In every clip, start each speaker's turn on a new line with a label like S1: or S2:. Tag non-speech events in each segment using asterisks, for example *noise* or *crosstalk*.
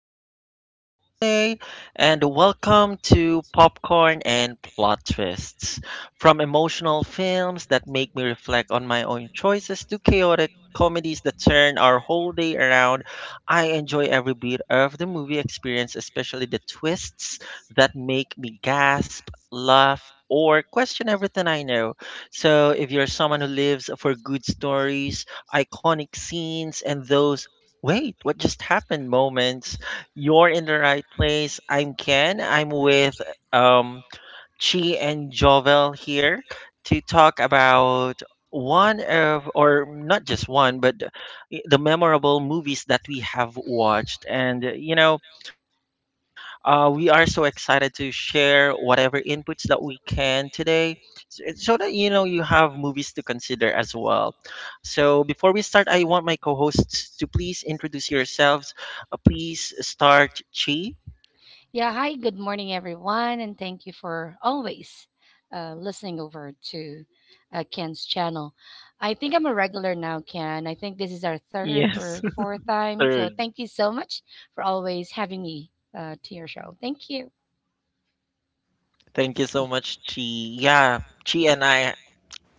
S1: I'll be your host for today. And welcome to Popcorn and Plot Twists. From emotional films that make me reflect on my own choices to chaotic comedies that turn our whole day around. I enjoy every bit of the movie experience, especially the twists that make me gasp, laugh, or question everything I know. So, if you're someone who lives for good stories, iconic scenes and those wait, what just happened moments. You're in the right place. I'm Ken. I'm with um, Chi and Jovel here to talk about one of, or not just one, but the memorable movies that we have watched. We are so excited to share whatever inputs that we can today so that you know you have movies to consider as well. So, before we start, I want my co hosts to please introduce yourselves. Please start Chi.
S2: Yeah, hi, good morning, everyone, and thank you for always listening over to Ken's channel. I think I'm a regular now, Ken. I think this is our third
S1: Yes.
S2: or fourth
S1: *laughs*
S2: time. So
S1: Third.
S2: thank you so much for always having me to your show. Thank you.
S1: Thank you so much, Chi. Yeah, Chi and I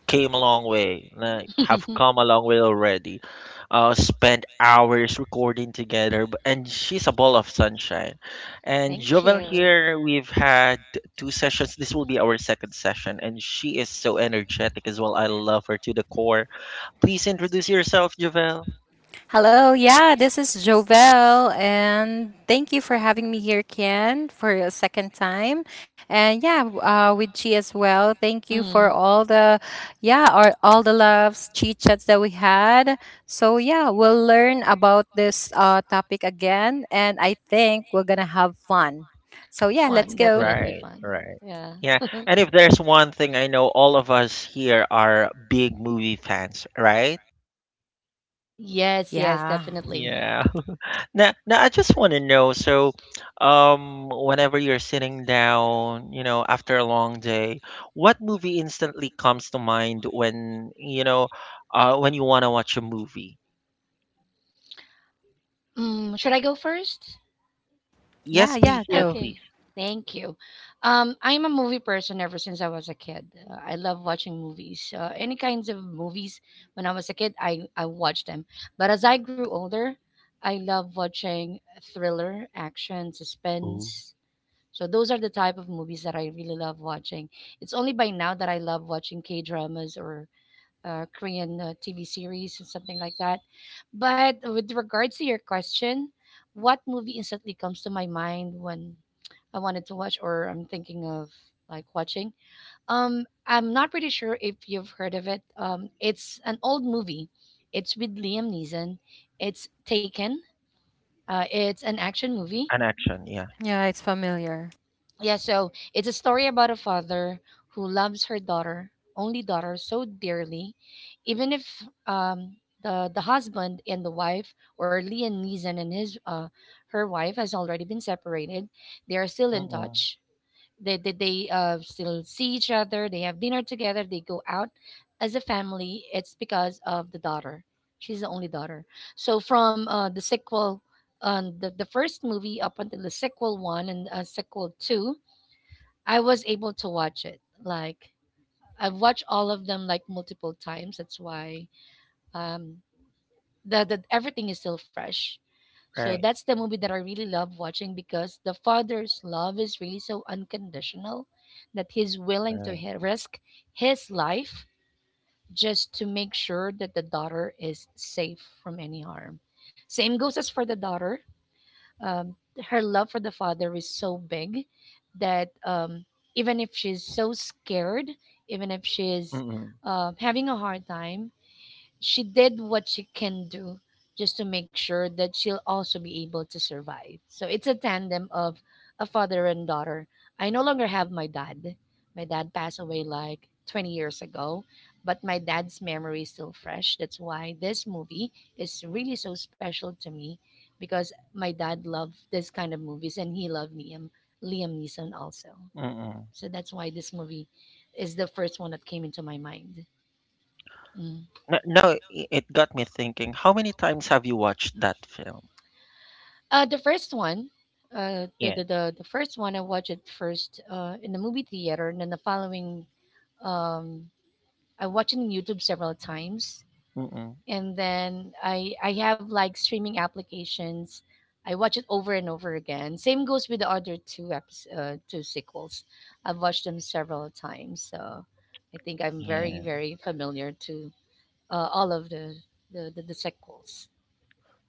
S1: came a long way, like
S2: *laughs*
S1: have come a long way already. Spent hours recording together, and she's a ball of sunshine. And
S2: Thank
S1: Jovel
S2: you.
S1: here, we've had two sessions. This will be our second session, and she is so energetic as well. I love her to the core. Please introduce yourself, Jovel.
S3: Hello, yeah, this is Jovel, and thank you for having me here, Ken, for a second time. And yeah, with Chi as well. Thank you for
S2: Mm.
S3: all the, yeah, our, all the loves, chit chats that we had. So yeah, we'll learn about this topic again, and I think we're gonna have fun. So yeah, let's
S2: Fun,
S3: go.
S2: definitely
S1: Right,
S2: fun.
S1: right.
S2: Yeah.
S1: Yeah, and if there's one thing I know, all of us here are big movie fans, right?
S2: Yes, yes,
S3: Yeah,
S2: definitely.
S1: Yeah. Now I just want to know. So, whenever you're sitting down, after a long day, what movie instantly comes to mind when when you want to watch a movie?
S2: Mm, should I go first?
S1: Yes,
S3: yeah,
S1: please.
S3: yeah,
S1: Yes,
S3: go.
S1: please.
S2: Okay, thank you. I'm a movie person ever since I was a kid. I love watching movies. Any kinds of movies. When I was a kid, I watched them. But as I grew older, I love watching thriller, action,
S1: Ooh.
S2: suspense. So those are the type of movies that I really love watching. It's only by now that I love watching K dramas or Korean TV series or something like that. But with regards to your question, what movie instantly comes to my mind when I wanted to watch or I'm thinking of like watching? I'm not pretty sure if you've heard of it. It's an old movie. It's with Liam Neeson. It's Taken. It's an action movie.
S1: An action. Yeah.
S3: Yeah, it's familiar.
S2: Yeah, so it's a story about a father who loves her daughter, only daughter, so dearly, even if the husband and the wife, or Liam Neeson and his her wife, has already been separated. They are still in
S1: Mm-mm.
S2: touch. They still see each other. They have dinner together. They go out as a family. It's because of the daughter. She's the only daughter. So from the sequel, the first movie up until the sequel one and sequel two I was able to watch it. Like I've watched all of them like multiple times. That's why um the everything is still fresh. So
S1: Right.
S2: that's the movie that I really love watching because the father's love is really so unconditional that he's willing to
S1: Right.
S2: risk his life just to make sure that the daughter is safe from any harm. Same goes as for the daughter, um, her love for the father is so big that, even if she's so scared, even if she's
S1: Mm-mm.
S2: having a hard time, she did what she can do just to make sure that she'll also be able to survive. So it's a tandem of a father and daughter. I no longer have my dad. My dad passed away like 20 years ago, but my dad's memory is still fresh. That's why this movie is really so special to me because my dad loved this kind of movies and he loved Liam, Liam Neeson also.
S1: Mm-mm.
S2: So that's why this movie is the first one that came into my mind. Mm.
S1: No, no, it got me thinking. How many times have you watched that film?
S2: The first one,
S1: Yeah.
S2: the first one I watched it first in the movie theater, and then the following, um, I watched it on YouTube several times,
S1: Mm-mm.
S2: and then I have like streaming applications. I watch it over and over again. Same goes with the other two sequels. I've watched them several times, so I think I'm very
S1: Yeah.
S2: very familiar to all of the the sequels.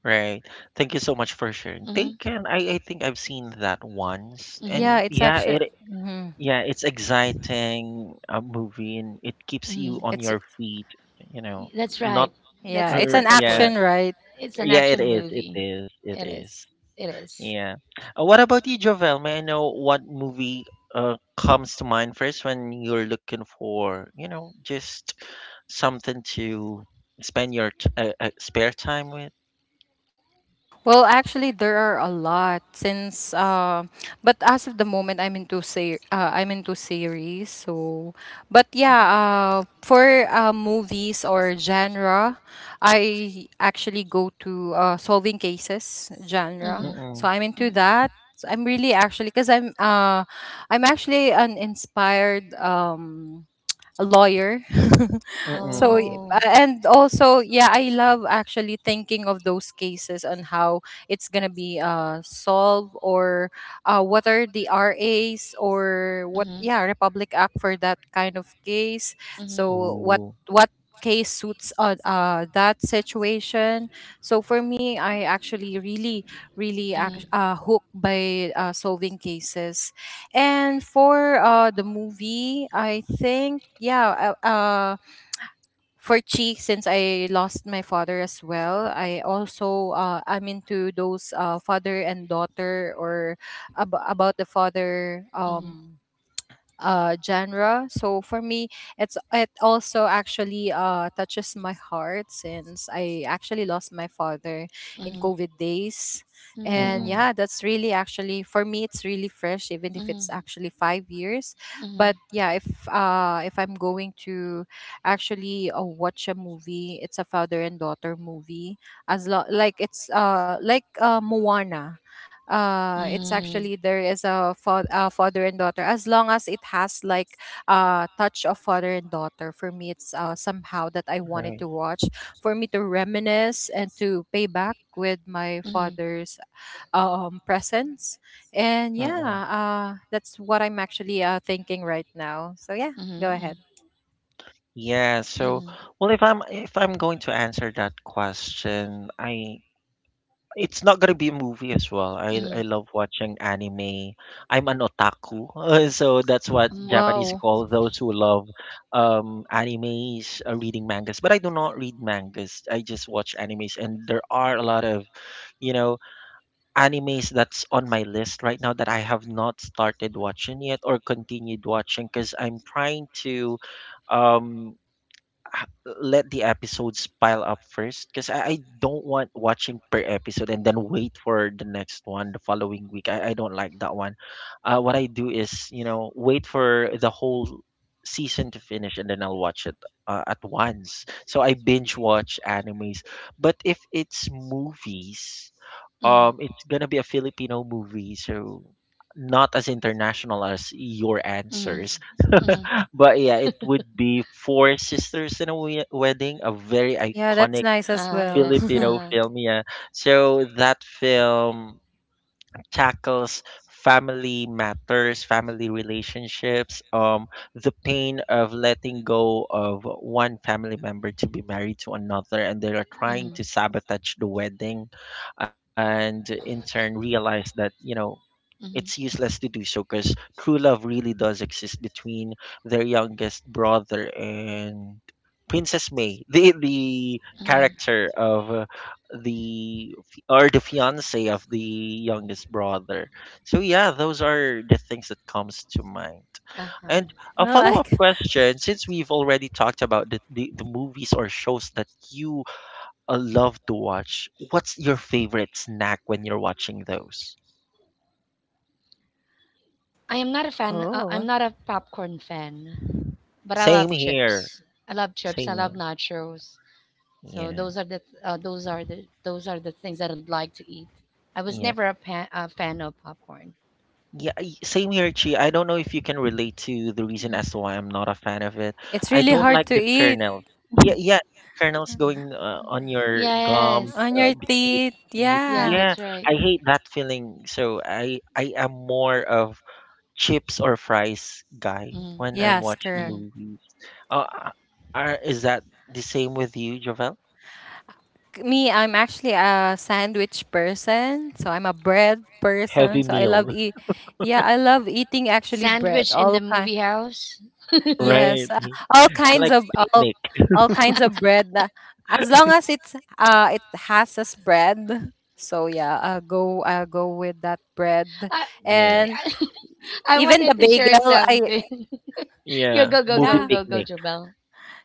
S1: Right. Thank you so much for sharing.
S2: Mm-hmm.
S1: Taken, I think I've seen that once.
S2: Mm-hmm.
S3: Yeah,
S1: And
S3: it's
S1: yeah,
S3: actually, mhm.
S1: it's exciting a movie and it keeps you
S2: Mm-hmm.
S1: on
S3: It's
S1: your feet, you know.
S2: That's
S1: Not
S2: right. That's
S3: yeah,
S2: the
S3: it's
S1: or
S3: an
S2: perfect
S1: Yeah.
S2: word.
S3: action, right?
S2: It's an
S1: Yeah, it
S2: action
S1: is. It
S2: movie.
S1: is. It
S2: It is.
S1: is.
S2: It is.
S1: Yeah. What about you, Jovel? May I know what movie comes to mind first when you're looking for, you know, just something to spend your spare time with?
S3: Well, actually, there are a lot but as of the moment, I'm into I'm into series. So, but yeah,
S2: Mm-hmm.
S3: for movies or genre, I actually go to solving cases genre.
S2: Mm-hmm.
S3: So
S1: Mm-mm.
S3: I'm into that. I'm really actually because I'm actually an inspired a lawyer. *laughs* so y-
S1: Mm-mm.
S3: uh,
S2: Oh.
S3: and also yeah, I love actually thinking of those cases on how it's gonna be solved or what are the RAs or what yeah Republic Act for that kind of case.
S2: Mm-hmm.
S3: So
S1: Ooh,
S3: what case suits on that situation, so for me I actually really really
S2: Mm-hmm.
S3: act- uh, hooked by solving cases. And for the movie, I think yeah, for Cheek, since I lost my father as well, I also I'm into those father and daughter or about the father, genre. So for me, it's it also actually touches my heart, since I actually lost my father in
S2: Mm-hmm.
S3: covid days.
S2: Mm-hmm.
S3: And
S1: mm-mm,
S2: Mm-hmm.
S3: yeah, that's really actually, for me, it's really fresh even if
S2: Mm-hmm.
S3: it's actually 5 years,
S2: Mm-hmm. Mm-hmm.
S3: but yeah, if I'm going to actually watch a movie, it's a father and daughter movie, like it's Moana. It's actually there is a father and daughter, as long as it has like a touch of father and daughter, for me, it's somehow that I wanted
S1: right,
S3: to watch, for me to reminisce and to pay back with my father's presence. And
S1: mm-mm.
S3: yeah that's what I'm actually thinking right now, so yeah,
S2: Mm-hmm.
S3: go
S2: Mm-hmm.
S3: ahead.
S1: Yeah, so
S2: Mm-hmm.
S1: well if I'm going to answer that question, I it's not gonna be a movie as well. I
S2: Mm-hmm.
S1: I love watching anime. I'm an otaku, *laughs* so that's what Japanese
S2: Mm-hmm.
S3: Wow,
S1: call those who love animes, reading mangas. But I do not read mangas. I just watch animes, and there are a lot of, you know, animes that's on my list right now that I have not started watching yet or continued watching because I'm trying to um let the episodes pile up first because I don't want watching per episode and then wait for the next one the following week. I don't like that one. What I do is, you know, wait for the whole season to finish and then I'll watch it at once. So I binge watch animes. But if it's movies, it's gonna be a Filipino movie, so not as international as your
S2: Mm-hmm.
S1: answers.
S2: Mm-hmm.
S1: But yeah, it
S2: *laughs*
S1: would be Four Sisters in a Wedding, a very
S3: yeah, that's
S1: iconic
S3: nice as
S2: Uh-huh,
S3: well. *laughs*
S2: yes.
S3: I
S1: Filipino
S2: Uh.
S1: film. Yeah. So that film tackles family matters, family relationships, the pain of letting go of one family member to be married to another, and they are trying
S2: Mm-hmm.
S1: to sabotage the wedding, and in turn realize that you know it's
S2: Mm-hmm.
S1: useless to do so because true love really does exist between their youngest brother and Princess May, the
S2: Mm-hmm.
S1: character of the fi- or the fiance of the youngest brother. So yeah, those are the things that comes to mind.
S2: Uh-huh.
S1: And a follow up
S3: like.
S1: question, since we've already talked about the, the movies or shows that you love to watch, what's your favorite snack when you're watching those?
S2: I am not a fan. I'm
S3: Oh,
S2: not a popcorn fan, but I
S1: Same
S2: love
S1: here.
S2: chips. Here. I love chips. I
S1: Same
S2: love
S1: here.
S2: nachos. So
S1: Yeah.
S2: those are the those are the things that I'd like to eat. I was
S1: Yeah.
S2: never a, a fan of popcorn.
S1: Yeah. Same here, Chi. I don't know if you can relate to the reason
S2: Mhm.
S1: as to why I'm not a fan of it.
S3: it's
S1: I
S3: really
S1: don't
S2: Mhm.
S3: hard
S1: like
S3: to
S1: the
S3: eat.
S1: kernels. Yeah. Yeah. The kernels
S2: Mhm.
S1: going on your gums,
S2: Yes.
S3: On your
S1: between the
S3: teeth,
S1: teeth.
S2: Yeah,
S3: yeah.
S1: Yeah.
S2: that's right.
S1: I hate that feeling. So I am more of chips or fries guy
S2: Mm.
S1: when I'm
S3: Yes,
S1: watching
S3: correct.
S2: Mm-hmm.
S1: movies. Uh, uh, is that the same with you, Jovel?
S3: Me, I'm actually a sandwich person, so I'm a bread person.
S1: Heavy
S3: So I
S1: meal.
S3: love eat,
S1: *laughs*
S3: yeah, I love eating actually bread.
S2: Sandwich in the
S3: All kind,
S2: movie house.
S1: Right.
S3: yes, *laughs* all
S1: Like
S3: kinds of
S1: picnic.
S3: all kinds of bread. As long as it has a spread. So yeah, I go with that bread,
S2: I,
S1: *laughs* Yeah.
S3: and
S2: *laughs* I
S3: even the
S2: wanted to share
S3: bagel. I
S2: something. *laughs* You
S1: Yeah,
S2: go, go,
S1: movie
S2: go,
S3: yeah.
S2: go, go,
S1: picnic.
S2: Jobel.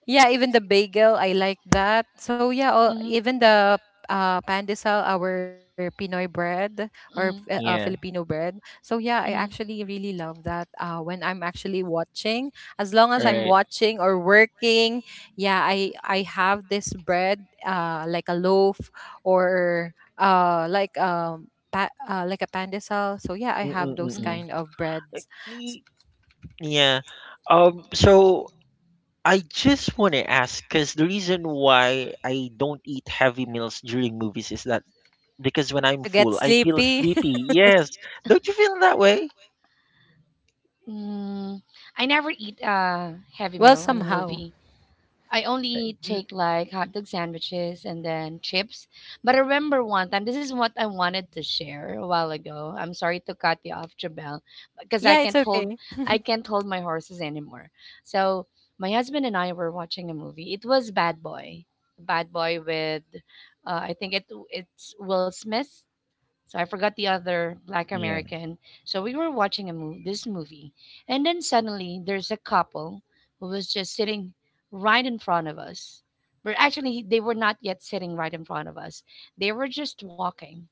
S3: Yeah, even the bagel, I like that. So yeah, all,
S2: Mm-hmm.
S3: even the pandesal, our Pinoy bread or
S2: Mm-hmm.
S3: Filipino
S1: Yeah,
S3: bread. So yeah, I
S2: Mm-hmm.
S3: actually really love that. When I'm actually watching, as long as I'm
S2: Mm-hmm.
S1: right.
S3: watching or working, yeah, I have this bread, like a loaf or uh like um. Like a pandesal, so yeah, I have
S1: Mm-mm,
S3: those
S2: Mm-hmm.
S1: mm-mm.
S3: kind of breads.
S1: Like,
S3: S-
S1: yeah. So I just want to ask, because the reason why I don't eat heavy meals during movies is that because when I'm
S3: get
S1: full, I feel
S3: sleepy.
S1: sleepy. Yes. Don't you feel that way?
S2: Mm, I never eat a
S3: *laughs*
S2: heavy
S3: Well
S2: meal in a
S3: somehow,
S2: movie. I only take like hot dog sandwiches and then chips. But I remember one time, this is what I wanted to share a while ago. I'm sorry to cut you off, Jabel, because
S3: yeah it's okay.
S2: I can't hold my horses anymore. So my husband and I were watching a movie. It was Bad Boy, Bad Boy with, I think it's Will Smith. So I forgot the other black
S1: Yeah.
S2: American. So we were watching a movie, this movie, and then suddenly there's a couple who was just sitting right in front of us. But actually, they were not yet sitting right in front of us. They were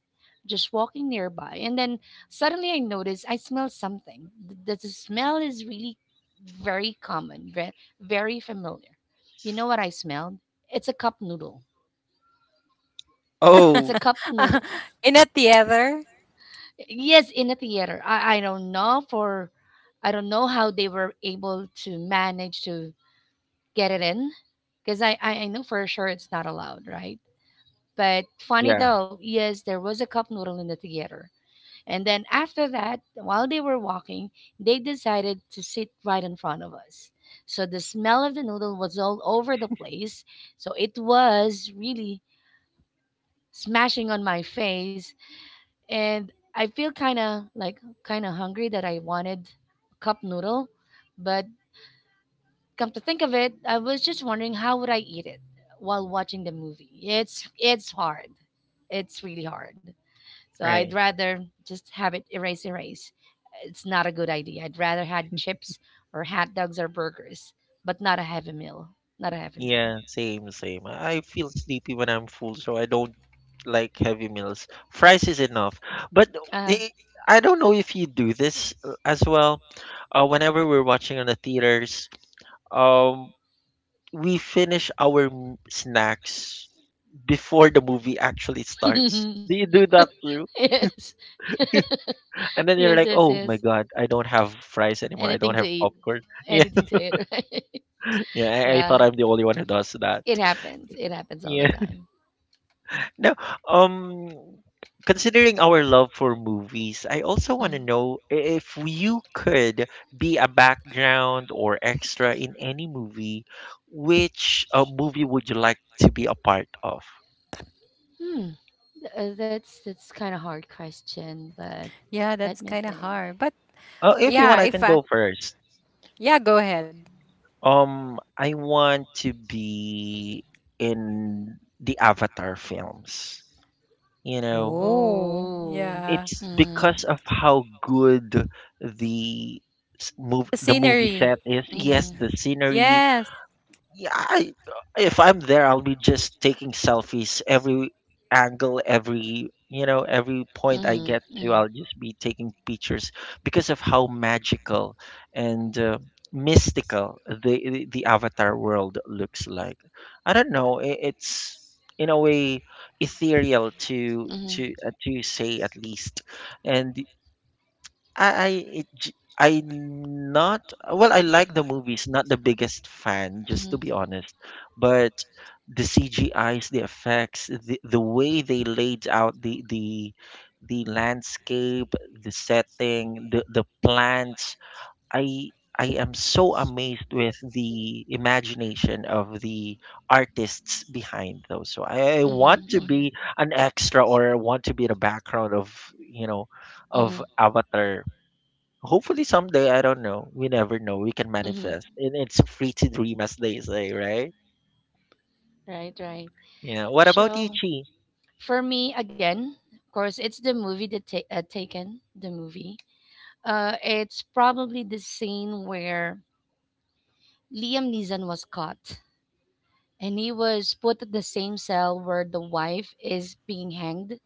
S2: just walking nearby. And then suddenly I noticed I smell something. The smell is really very common, very familiar. You know what I smelled? It's a cup noodle. It's a
S1: Oh,
S2: cup noodles.
S3: *laughs* In a theater.
S2: Yes, in the theater. I don't know for I don't know how they were able to manage to get it in because I know for sure it's not allowed, right? But funny
S1: yeah.
S2: though, yes, there was a cup noodle in the theater. And then after that, while they were walking, they decided to sit right in front of us. So the smell of the noodle was all over the place. So it was really smashing on my face and I feel kind of like kind of hungry that I wanted cup noodle, but come to think of it, I was just wondering how would I eat it while watching the movie. It's hard. It's really hard. So I'd
S1: Right.
S2: rather just have it erase. It's not a good idea. I'd rather had chips or hot dogs or burgers, but not a heavy meal. Not a heavy meal.
S1: Yeah, same, same. I feel sleepy when I'm full, so I don't like heavy meals. Fries is enough. But
S2: Uh
S1: i- I don't know if you do this as well. Whenever we're watching on the theaters, um, we finish our snacks before the movie actually starts. Do
S2: *laughs*
S1: you do that too?
S2: yes.
S1: And then you're
S2: Yes,
S1: like,
S2: yes,
S1: oh my
S2: yes.
S1: God, I don't have fries anymore. I don't
S2: Anything to
S1: have
S2: eat.
S1: popcorn. *laughs* Yeah,
S2: Anything to eat, *laughs* right?
S1: yeah. I thought
S2: Yeah.
S1: I'm the only one who does that.
S2: It happens. It happens all
S1: Yeah.
S2: the time.
S1: No, um, considering our love for movies, I also want
S2: Mhm.
S1: to know if you could be a background or extra in any movie, which movie would you like to be a part of?
S2: Hmm. That's kind of hard question, but
S3: Yeah,
S2: let
S3: that's
S2: me
S3: kind of
S2: think.
S3: hard. But
S1: If you want,
S3: yeah,
S1: I
S3: if
S1: can
S3: I,
S1: go first.
S3: yeah, go ahead.
S1: I want to be in the Avatar films. You know,
S3: Oh,
S2: Oh.
S3: yeah.
S1: it's
S2: Hmm.
S1: because of how good the s- move
S3: The
S1: the movie
S3: scenery.
S1: set is.
S2: Hmm.
S1: Yes, the scenery,
S3: Yes.
S1: yeah if I'm there I'll be just taking selfies every angle every you know every point I get to I'll just be taking pictures because of how magical and mystical the avatar world looks like I don't know it's in a way ethereal to
S2: Mm-hmm.
S1: to say at least. And I it j- I not well, I like the movies, not the biggest fan, just to be honest. But the CGIs, the effects, the way they laid out the landscape, the setting, the plants. I I am so amazed with the imagination of the artists behind those. So I want to be an extra or I want to be the background of, you know,
S2: Mm-hmm.
S1: of Avatar. Hopefully someday, I don't know. We never know. We can
S2: Hmm.
S1: manifest. And it's free to dream, as they say, right?
S2: Right, right.
S1: Yeah. What about you,
S2: So
S1: Chi?
S2: for me, again, of course, it's the movie that Taken, the movie. It's probably the scene where Liam Neeson was caught, and he was put in the same cell where the wife is being hanged.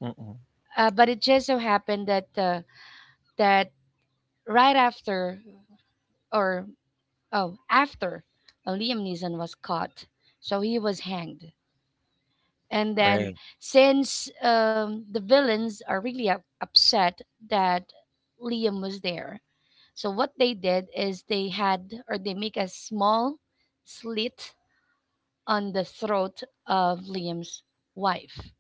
S1: Mm-mm.
S2: But it just so happened that that right after, or oh, after, Liam Neeson was caught, so he was hanged. And
S1: Right.
S2: then, since the villains are really upset that Liam was there, so what they did is they had or they make a small slit on the throat of Liam's wife.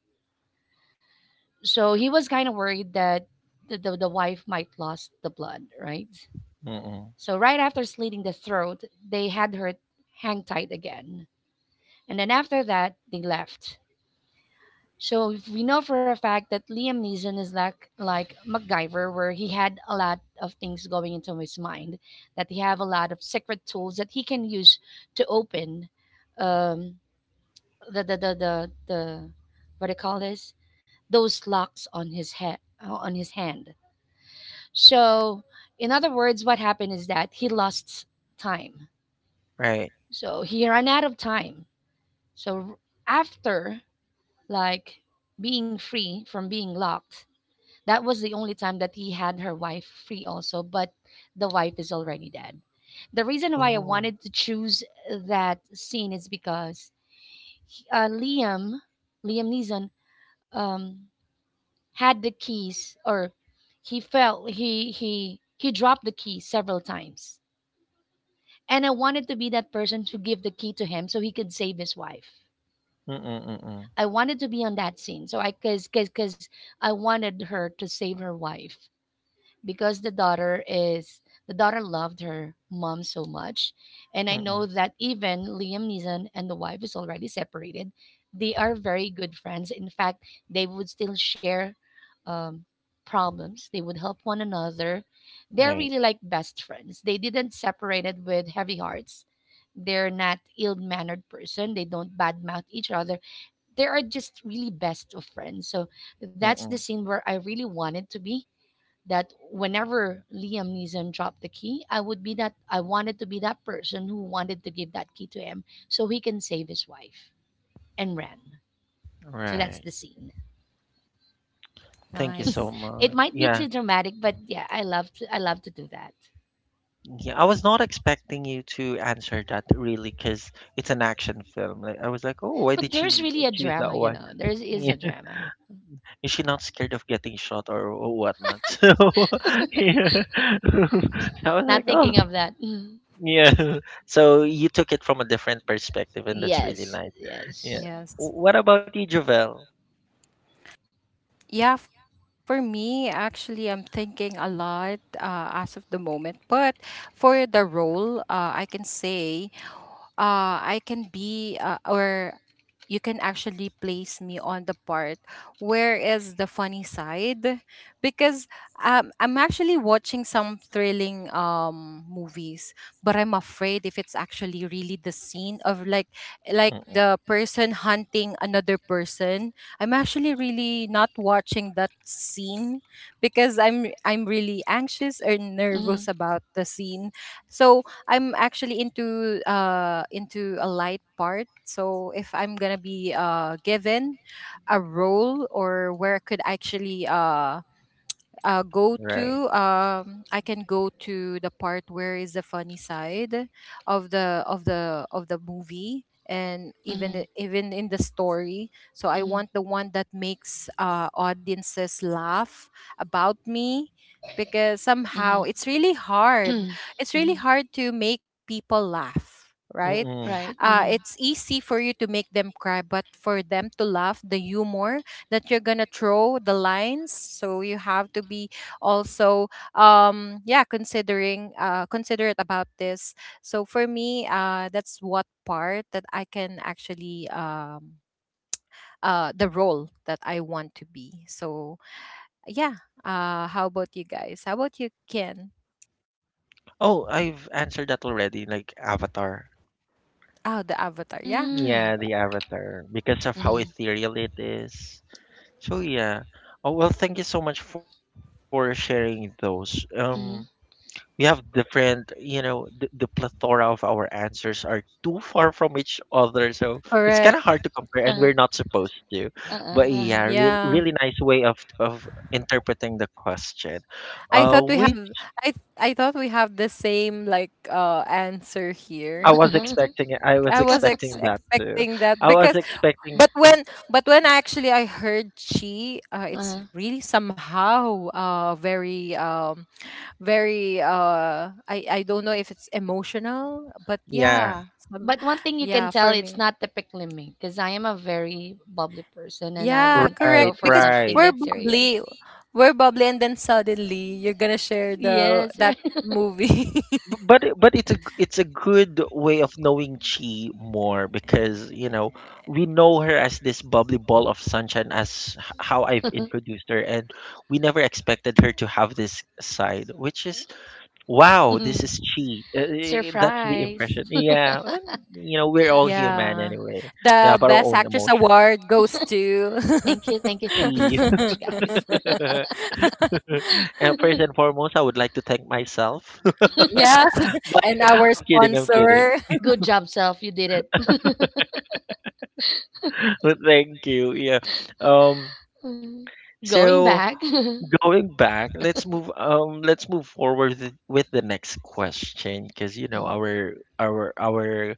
S2: So he was kind of worried that the wife might lost the blood, right?
S1: Mm-mm.
S2: So right after slitting the throat, they had her hang tight again. And then after that, they left. So if we know for a fact that Liam Neeson is like MacGyver, where he had a lot of things going into his mind, that he have a lot of secret tools that he can use to open, um, the what do you call this? Those locks on his head on his hand. So in other words, what happened is that he lost time.
S1: Right.
S2: So he ran out of time. So after like being free from being locked, that was the only time that he had her wife free also, but the wife is already dead. The reason why I
S1: Oh.
S2: wanted to choose that scene is because he- uh, Liam, Liam Neeson, um, had the keys, or he felt he dropped the key several times, and I wanted to be that person to give the key to him so he could save his wife.
S1: Mm-mm. Mm-mm.
S2: I wanted to be on that scene, so I cause I wanted her to save her wife because the daughter is the daughter loved her mom so much, and I know
S1: Mm-mm.
S2: that even Liam Neeson and the wife is already separated, they are very good friends. In fact, they would still share, um, problems, they would help one another. They're
S1: Right.
S2: really like best friends. They didn't separated with heavy hearts. They're not ill-mannered person. They don't badmouth each other. They are just really best of friends. So that's the
S1: Mm-mm.
S2: scene where I really wanted to be, that whenever Liam Neeson dropped the key, I would be that I wanted to be that person who wanted to give that key to him so he can save his wife and ran. So that's
S1: Right.
S2: the scene.
S1: Thank you so
S3: Nice.
S2: It
S1: much.
S2: might be too
S1: Yeah.
S2: dramatic, but yeah, I love to do that.
S1: Yeah. I was not expecting you to answer that really because it's an action film. Like I was like, oh, why
S2: But
S1: did
S2: there's
S1: she
S2: really a
S1: choose that
S2: drama, you
S1: one?
S2: know. Is a
S1: *laughs*
S2: drama.
S1: Is she not scared of getting shot or whatnot? *laughs* So yeah. *laughs* So I was
S2: Not
S1: like, oh
S2: thinking of that. *laughs*
S1: yeah. *laughs* So you took it from a different perspective, and that's really
S2: Yes,
S1: nice. Yeah.
S2: yes.
S3: Yes.
S1: What about you, Javel?
S3: Yeah, for me, actually, I'm thinking a lot as of the moment. But for the role, I can say I can be, or you can actually place me on the part where is the funny side, because I'm actually watching some thrilling movies, but I'm afraid if it's actually really the scene of like
S1: Mm-mm.
S3: the person hunting another person. I'm actually really not watching that scene because I'm really anxious or
S2: Mhm.
S3: nervous about the scene. So I'm actually into a light part. So if I'm gonna be given a role or where I could actually go
S1: Right.
S3: to I can go to the part where is the funny side of the of the of the movie, and even
S2: Mm-hmm.
S3: even in the story. So I
S2: Mm-hmm.
S3: want the one that makes audiences laugh about me, because
S2: Mm-hmm.
S3: somehow it's really hard,
S2: *clears throat*
S3: it's
S2: Mm-hmm.
S3: really hard to make people laugh, right?
S1: Mm-mm.
S2: Right. Mm-hmm.
S3: It's easy for you to make them cry, but for them to laugh, the humor that you're gonna throw, the lines, so you have to be also yeah, considering considerate about this. So for me, that's what part that I can actually the role that I want to be. So yeah, how about you guys, how about you, Ken?
S1: Oh, I've answered that already. Like Avatar.
S3: Oh, the Avatar, yeah.
S2: Mm-hmm.
S1: Yeah, the Avatar, because of how
S2: Mm-hmm.
S1: ethereal it is. So yeah. Oh well, thank you so much for sharing those.
S2: Mm-hmm.
S1: We have different you know the plethora of our answers are too far from each other so it's kind of hard
S3: Correct.
S1: to compare and we're
S2: Uh-huh.
S1: not supposed to, but yeah
S2: Uh-uh.
S3: Yeah,
S1: really nice way of interpreting the question
S3: I thought we have
S1: which
S3: I thought we have the same like answer
S1: i
S3: here.
S1: was
S2: Uh-huh.
S1: expecting I was
S3: I
S2: *laughs*
S3: was
S1: expecting that too
S3: expecting that,
S1: I was
S3: because
S1: expecting
S3: but when but when I actually I heard Chi,
S2: Uh-huh.
S3: it's really somehow very I don't know if it's emotional, but
S1: yeah
S3: yeah, some,
S2: But one thing you can
S3: yeah,
S2: tell,
S3: for
S2: it's
S3: me.
S2: not typically me because I am a very bubbly person and I
S3: Yeah,
S2: won't
S3: correct.
S1: right
S2: go for
S3: Because
S2: something
S1: right.
S3: we're
S2: that serious.
S3: bubbly, we're bubbly, and then suddenly you're gonna share the
S2: Yes, right.
S3: that
S2: *laughs*
S3: movie. *laughs*
S1: But it's a it's a good way of knowing Chi more because you know
S3: Mm.
S1: we know her as this bubbly ball of sunshine as how I've introduced her and we never expected her to have this side which is wow this is Chi.
S2: *laughs*
S1: Eh, that's the
S2: Surprise.
S1: impression yeah and you know we're all human
S3: Yeah,
S1: anyway, we
S3: the
S1: have our
S3: best
S1: own
S3: actress
S1: emotions
S3: award goes
S2: *laughs*
S3: to.
S2: Thank you, thank you, thank you
S1: Chi.
S2: so much, guys.
S1: *laughs*
S2: *laughs*
S3: *laughs*
S1: And first and foremost I would like to thank
S3: *laughs*
S1: myself. *laughs*
S3: Yeah,
S1: But
S3: and our
S1: I'm kidding I'm kidding.
S3: sponsor.
S2: Good job, self. You did it.
S1: *laughs* Thank you. Yeah. Um.
S2: *laughs* Going
S1: So
S2: back. *laughs*
S1: going back, let's move. Let's move forward with the next question, because you know our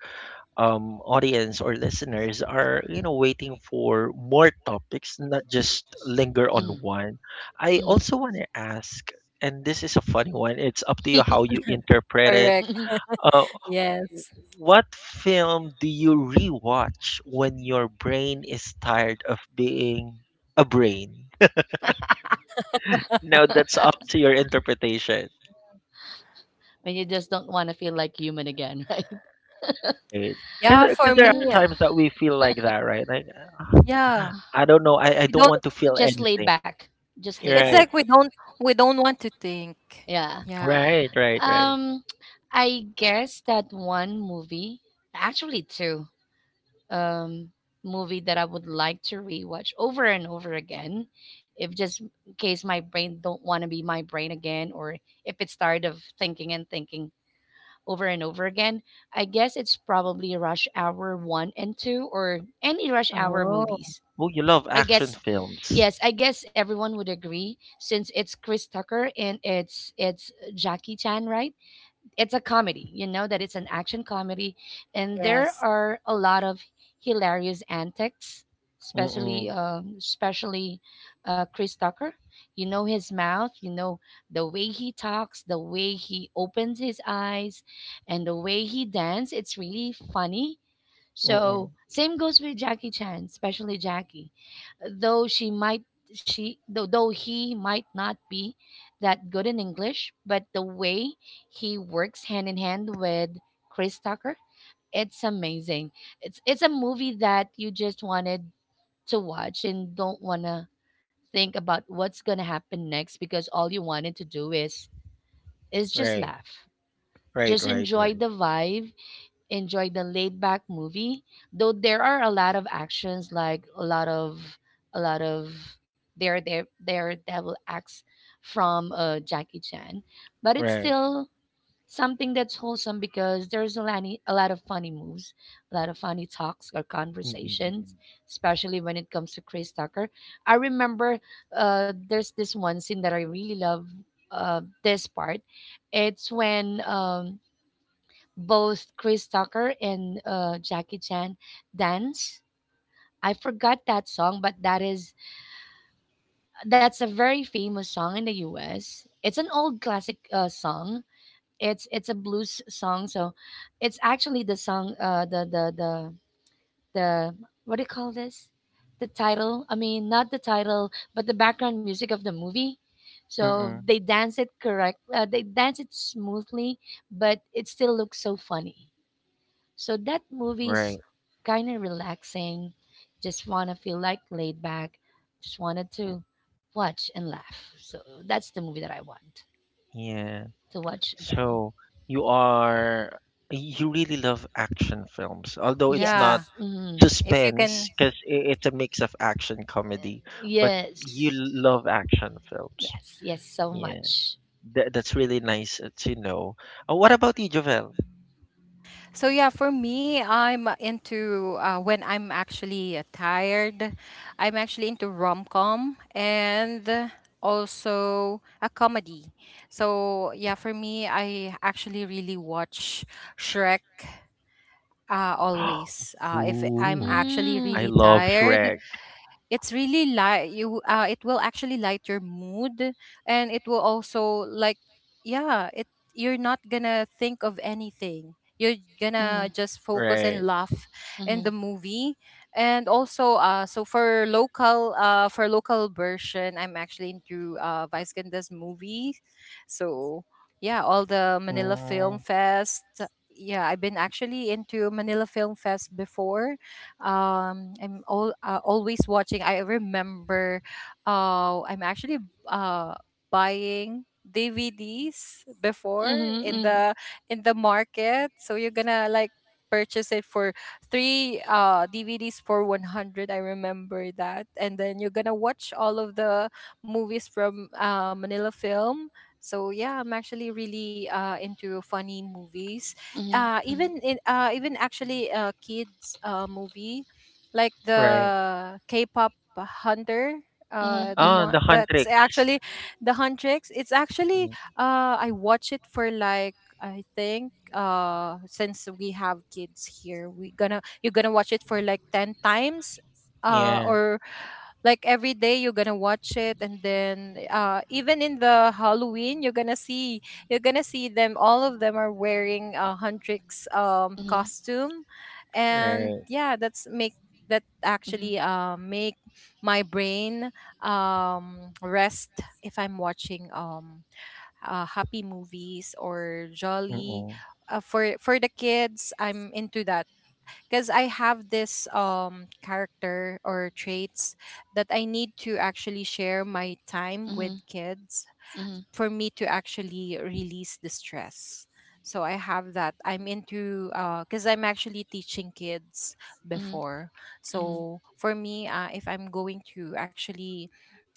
S1: audience or listeners are you know waiting for more topics, not just linger on one. I also want to ask, and this is a funny one. It's up to you how you
S3: *laughs*
S1: interpret it.
S3: Correct.
S1: Uh.
S3: Yes.
S1: What film do you rewatch when your brain is tired of being a brain?
S2: *laughs*
S1: Now that's up to your interpretation.
S2: *laughs* When you just don't want to feel like human again, *laughs* right?
S3: Yeah, for
S1: Because there
S2: Uh,
S1: are
S3: me,
S1: times that we feel like that, right? Like, "Ah,
S3: yeah.
S1: I don't know, I
S3: We
S1: don't
S3: don't,
S1: want to
S2: *sighs*
S1: feel
S2: just laid
S1: anything.
S2: back, just laid
S3: it's
S2: back.
S1: Right,
S3: like we don't want to think.
S2: Yeah.
S3: Yeah.
S1: right, right, right.
S2: Um, I guess that one movie, actually two, um, movie that I would like to rewatch over and over again, if just in case my brain don't want to be my brain again, or if it's tired of thinking and thinking over and over again. I guess it's probably Rush Hour 1 and 2 or any Rush Hour
S3: Oh.
S2: movies.
S1: Oh, you love
S2: I
S1: action
S2: guess
S1: films.
S2: yes, I guess everyone would agree since it's Chris Tucker and it's Jackie Chan, right? It's a comedy, that it's an action comedy. And there
S3: Yes.
S2: are a lot of hilarious antics, especially,
S1: Mm-mm,
S2: um, especially uh, Chris Tucker. You know his mouth, you know the way he talks, the way he opens his eyes, and the way he dances. It's really funny.
S1: mm-mm.
S2: So same goes with Jackie Chan, especially Jackie. Though she might she though he might not be that good in English, but the way he works hand in hand with Chris Tucker, it's amazing. It's a movie that you just wanted to watch and don't wanna think about what's gonna happen next, because all you wanted to do is just
S1: Right,
S2: laugh.
S1: right,
S2: Just
S1: right,
S2: enjoy
S1: right,
S2: the vibe, enjoyed the laid back movie, though there are a lot of actions, like a lot of a lot of there there there devil acts from Jackie Chan, but it's
S1: right.
S2: still something that's wholesome because there's a lot of funny moves, a lot of funny talks or
S1: Mm-mm, mm-mm.
S2: conversations, especially when it comes to Chris Tucker. I remember, there's this one scene that I really love. This part, it's when, both Chris Tucker and Jackie Chan dance. I forgot that song, but that's a very famous song in the U.S. It's an old classic song. It's a blues song, so it's actually the song, the what do you call this? The title. I mean, not the title, but the background music of the movie. So
S1: Mm-mm,
S2: they dance it correct. They dance it smoothly, but it still looks so funny. So that movie's
S1: right,
S2: kind of relaxing. Just want to feel like laid back. Just wanted to watch and laugh. So that's the movie that I want
S1: yeah.
S2: to watch again.
S1: So you are you really love action films, although it's not
S2: Yes.
S3: Yeah.
S2: Mhm.
S3: If you
S1: suspense
S3: can.
S1: because it's a mix of action comedy, but you
S2: Yes.
S1: love action films.
S2: Yes. Yes. So
S1: Yeah,
S2: much.
S1: that's really nice to know. What about you, Jovel?
S3: So yeah, for me, I'm into when I'm actually tired, I'm actually into rom-com and also a comedy. So yeah, for me, I actually really watch Shrek. Always.
S1: *gasps*
S3: If I'm
S1: Ooh,
S3: actually
S1: I
S2: Mm.
S3: really
S1: love
S3: tired,
S1: Shrek.
S3: it's really light, you it will actually light your mood, and it will also like, yeah it, you're not gonna think of anything, you're
S2: Mm-hmm.
S3: gonna just focus and
S1: Right.
S3: laugh in
S2: Mm-hmm.
S3: the movie. And also for local version, I'm actually into Vice Ganda's movie. So yeah, all the Manila
S1: Mm,
S3: Film Fest. Yeah, I've been actually into Manila Film Fest before. I'm all always watching. I remember I'm actually uh buying DVDs before in the market. So you're gonna like purchase it for three DVDs for 100, I remember that, and then you're gonna watch all of the movies from Manila Film. So yeah, I'm actually really into funny movies, even actually kids movie, like
S1: right.
S3: the K-pop hunter,
S2: Mm-hmm.
S3: the
S2: Mm-hmm.
S1: Ah,
S3: one
S1: the
S3: that's
S1: Huntrix.
S3: actually *sighs* the Huntrix. It's actually
S1: Mm,
S3: I watch it for like, I think since we have kids here, we gonna, you're gonna watch it for like 10 times
S1: yeah,
S3: or like every day you're gonna watch it. And then even in the Halloween, you're gonna see, you're gonna see them, all of them are wearing a Huntrix
S2: Mm-hmm.
S3: costume. And
S1: right.
S3: yeah, that's make, that
S2: Mm-hmm.
S3: actually make my brain rest. If I'm watching happy movies or jolly
S1: Mm-mm,
S3: for the kids, I'm into that, because I have this character or traits that I need to actually share my time
S2: Mm-hmm.
S3: with kids
S2: Mm-hmm.
S3: for me to actually release the stress. So I have that. I'm into because I'm actually teaching kids
S2: Mm-hmm
S3: before.
S2: hmm
S3: So for me, if I'm going to actually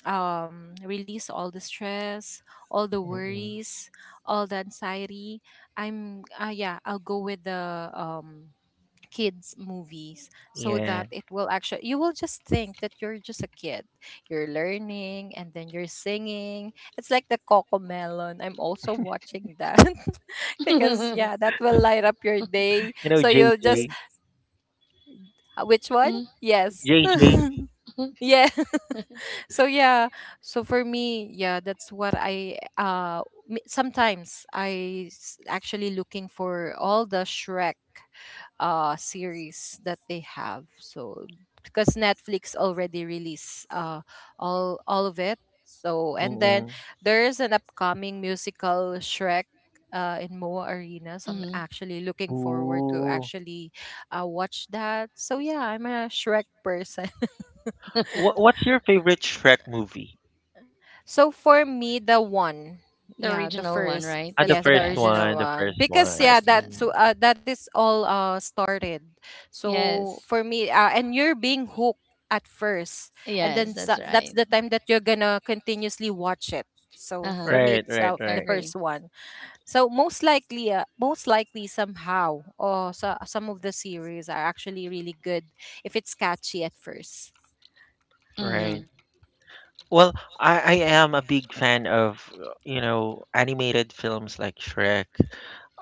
S3: release all the stress, all the
S1: mm-mm.
S3: worries, all the anxiety, I'm yeah, I'll go with the kids movies, so
S1: Yeah.
S3: that it will actually, you will just think that you're just a kid, you're learning and then you're singing, it's like the Coco Melon, I'm also watching that. *laughs* Because yeah, that will light up your day,
S1: You know,
S3: so you'll just
S1: JJ.
S2: *laughs*
S3: which one,
S2: Mm.
S3: yes. *laughs*
S1: JJ.
S3: Yeah. *laughs* So yeah, so for me yeah, that's what I sometimes I actually looking for all the Shrek series that they have. So because Netflix already released all of it, so and then
S1: Mm-mm.
S3: there is an upcoming musical Shrek, in Moa Arena, so I'm
S2: Mm-hmm.
S3: actually looking forward to
S1: Ooh.
S3: actually watch that. So yeah, I'm a Shrek person.
S2: *laughs*
S1: What's your favorite Shrek movie?
S3: So for me, the one,
S2: The
S3: yeah, the
S2: original one,
S3: first,
S2: right?
S1: Ah, the
S2: That's
S3: yes,
S2: the
S3: the
S1: first
S2: best.
S3: original
S1: one, the
S3: one,
S1: first
S3: because
S2: The
S1: one.
S3: yeah,
S2: first
S3: that's
S2: one.
S3: so
S1: Mm.
S3: that is all started. So
S2: Yes.
S3: for me, and you're being hooked at first, and then
S2: Yes,
S3: sa
S2: that's
S3: that's
S2: right.
S3: the time that you're gonna continuously watch it.
S2: Uh
S3: So
S2: huh.
S3: for me, it's
S1: Right, right,
S2: I
S3: the
S1: right,
S2: agree.
S3: first one. So most likely somehow, or so, some of the series are actually really good if it's catchy at first.
S1: right.
S2: Mm-hmm.
S1: Well, I am a big fan of, animated films like Shrek.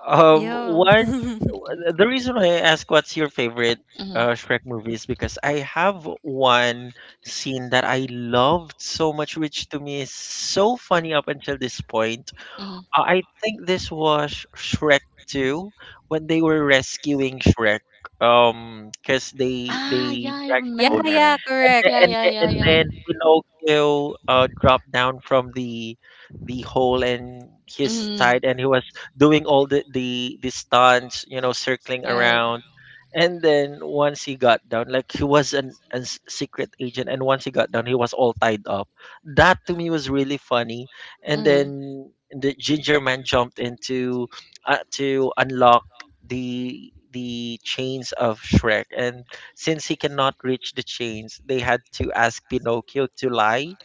S1: Um,
S3: Yeah.
S1: one,
S3: *laughs*
S1: the reason why I ask what's your favorite
S2: Mm-hmm.
S1: Shrek movie is because I have one scene that I loved so much, which to me is so funny up until this point.
S2: Mm-hmm.
S1: I think this was Shrek 2 when they were rescuing Shrek because they
S2: Ah,
S1: they
S2: yeah, I
S1: drank the
S3: Yeah,
S1: potion,
S3: yeah,
S2: remember.
S1: and
S3: correct.
S1: the,
S2: Yeah,
S1: and
S2: yeah,
S1: the,
S2: yeah,
S1: and
S2: yeah.
S1: then Pinocchio dropped down from the hole and his
S2: Mm-hmm.
S1: tied and he was doing all the stunts, circling
S2: Right.
S1: around. And then once he got down, like he was a secret agent, and once he got down, he was all tied up. That to me was really funny. And
S2: Mm-hmm.
S1: then the ginger man jumped into, to unlock the chains of Shrek, and since he cannot reach the chains, they had to ask Pinocchio to lie.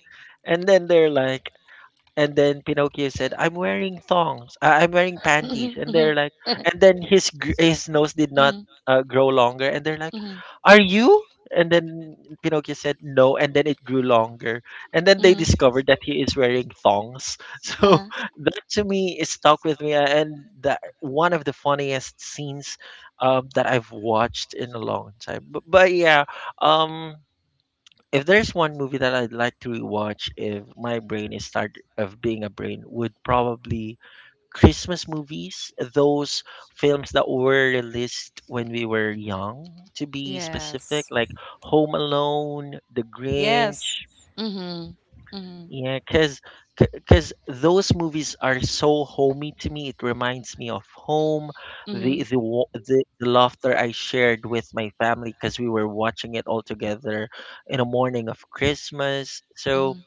S1: And then they're like, and then Pinocchio said, "I'm wearing thongs. I'm wearing panties."
S2: Mm-hmm.
S1: And they're like,
S2: Mm-hmm. *laughs*
S1: and then his his nose did not
S2: Mm-hmm.
S1: grow longer. And they're like,
S2: Mm-hmm.
S1: "Are you?" And then Pinocchio said, "No." And then it grew longer. And then they
S2: Mm-hmm.
S1: discovered that he is wearing thongs. *laughs* So
S2: Uh-huh. *laughs*
S1: that to me is stuck with me, and that one of the funniest scenes that I've watched in a long time. But, yeah, um. If there's one movie that I'd like to rewatch if my brain is tired of being a brain, would probably Christmas movies, those films that were released when we were young, to be specific,
S3: Yes.
S1: like Home Alone, The
S3: Yes.
S1: Grinch.
S2: Mm-hmm. Mm-hmm.
S1: Yeah, cause, cause those movies are so homey to me. It reminds me of home, the
S2: Mm-hmm.
S1: the wa- the, the laughter I shared with my family because we were watching it all together in a morning of Christmas. So
S2: Mm-hmm.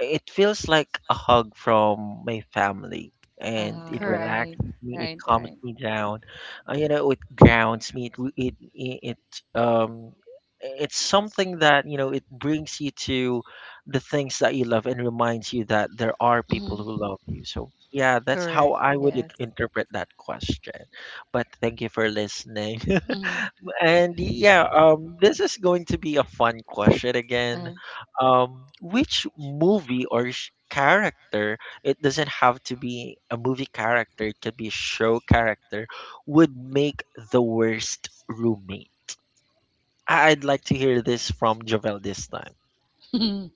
S1: it feels like a hug from my family, and
S2: Uh-huh.
S1: it
S3: Correct.
S2: Right.
S1: relaxes me, it
S2: Right.
S1: calms
S2: Right.
S1: me down. It grounds me. It re- it, it's something that, it brings you to the things that you love and reminds you that there are
S2: Hmm.
S1: people who love you. So yeah, that's
S3: Correct.
S1: how I would
S3: Yes.
S1: interpret that question. But thank you for listening.
S2: Hmm.
S1: *laughs* And yeah, this is going to be a fun question again,
S2: Uh.
S1: which movie or character, it doesn't have to be a movie character, it could be a show character, would make the worst roommate? I'd like to hear this from Jovel this time.
S2: *laughs* Hmm.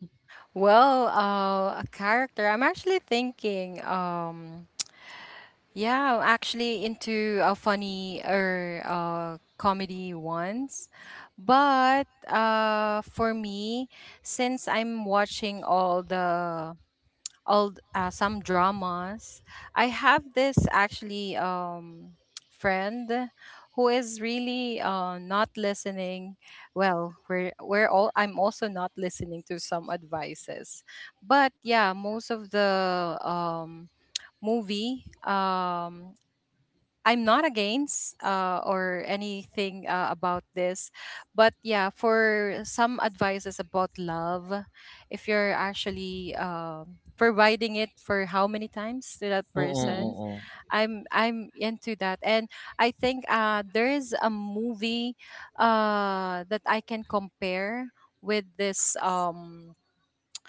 S3: Well, a character. I'm actually thinking, yeah, I'm actually into a funny or comedy ones. But for me, since I'm watching all the all some dramas. I have this actually *tsk* friend who is really not listening well. We're all, I'm also not listening to some advices. But yeah, most of the movie, I'm not against or anything about this, but yeah, for some advices about love, if you're actually providing it for how many times to that
S1: Mm-mm,
S2: Hmm.
S3: person,
S1: mm-mm,
S3: I'm into that. And I think there is a movie that I can compare with this.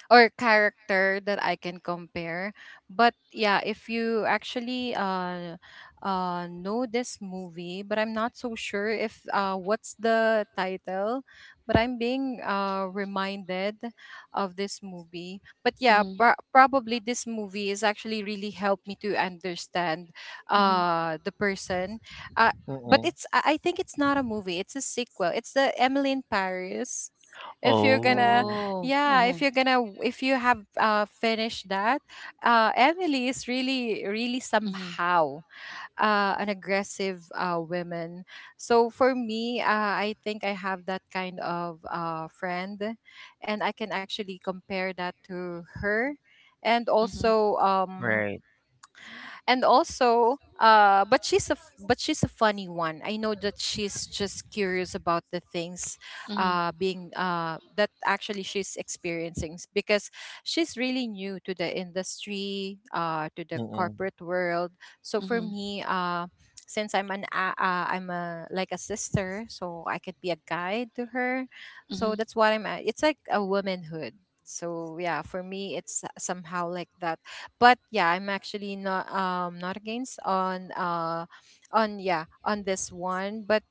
S3: Or character that I can compare. But yeah, if you actually know this movie, but I'm not so sure if what's the title, but I'm being reminded of this movie. But yeah, probably this movie is actually really helped me to understand
S2: Hmm.
S3: the person. Uh, but
S1: mm-mm.
S3: it's I think it's not a movie. It's a sequel. It's the Emily in Paris, if you're gonna,
S1: Oh,
S2: Oh,
S3: yeah,
S2: uh-huh.
S3: if you're gonna, if you have finished that. Emily is really really
S2: Mhm.
S3: somehow an aggressive woman. So for me, I think I have that kind of friend, and I can actually compare that to her. And
S2: Mhm.
S3: also,
S1: right.
S3: but she's but she's a funny one. I know that she's just curious about the things
S2: Mhm.
S3: being that actually she's experiencing, because she's really new to the industry, to the
S1: Mm-mm.
S3: corporate world. So for
S2: Mhm.
S3: me, since I'm a like a sister, so I could be a guide to her. So
S2: Mhm.
S3: that's what I'm at. It's like a womanhood. So yeah, for me, it's somehow like that. But yeah, I'm actually not against on, yeah, on this one. But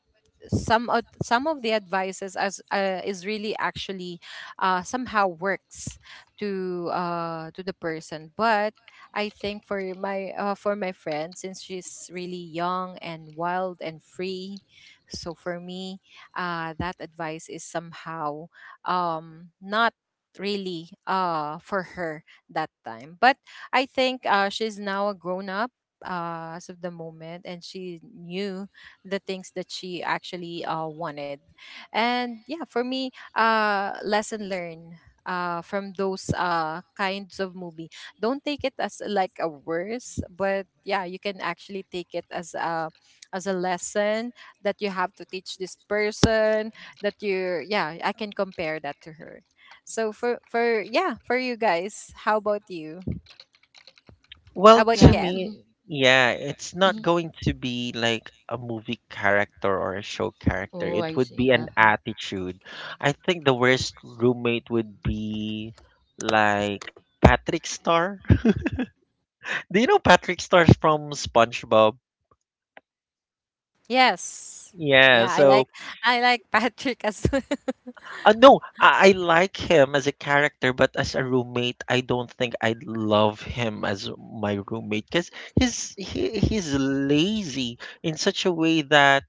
S3: some of the advices as is really actually somehow works to, to the person. But I think for my, for my friend, since she's really young and wild and free, so for me, that advice is somehow, not really, for her that time. But I think, she's now a grown up as of the moment, and she knew the things that she actually, wanted. And yeah, for me, lesson learned from those kinds of movie. Don't take it as like a worse, but yeah, you can actually take it as a, as a lesson that you have to teach this person, that you, yeah, I can compare that to her. So for yeah, for you guys, how about you? How
S1: Well,
S3: about you,
S1: to
S2: Yeah.
S3: Ken?
S1: me,
S2: Mhm.
S1: yeah, it's not
S2: Mhm.
S1: going to be like a movie character or a show character.
S2: Oh,
S1: It
S2: I
S1: would be
S2: see.
S1: an
S2: Uh-huh.
S1: attitude. I think the worst roommate would be like Patrick Star. *laughs* Do you know Patrick Star from SpongeBob?
S3: Yes.
S1: Yeah,
S3: Yeah, I
S1: so,
S3: like I like *laughs* Patrick as well.
S1: no, I like him as a character, but as a roommate, I don't think I'd love him as my roommate because he's lazy in such a way that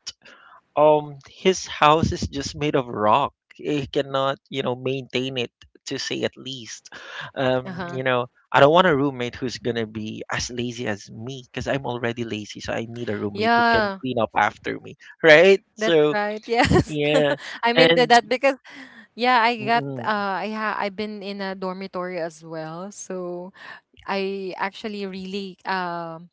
S1: his house is just made of rock. He cannot, maintain it, to say at least. um you know
S3: *laughs*
S1: I don't want a roommate who's gonna be as lazy as me, because I'm already lazy, so I need a roommate who can
S3: Yeah,
S1: clean up after me. *laughs* Right,
S3: that's
S1: so
S3: right. Yes. *laughs*
S1: yeah.
S3: I'm into
S1: And
S3: that because, yeah, I got
S1: mm-mm,
S3: I ha I've been in a dormitory as well. So I actually really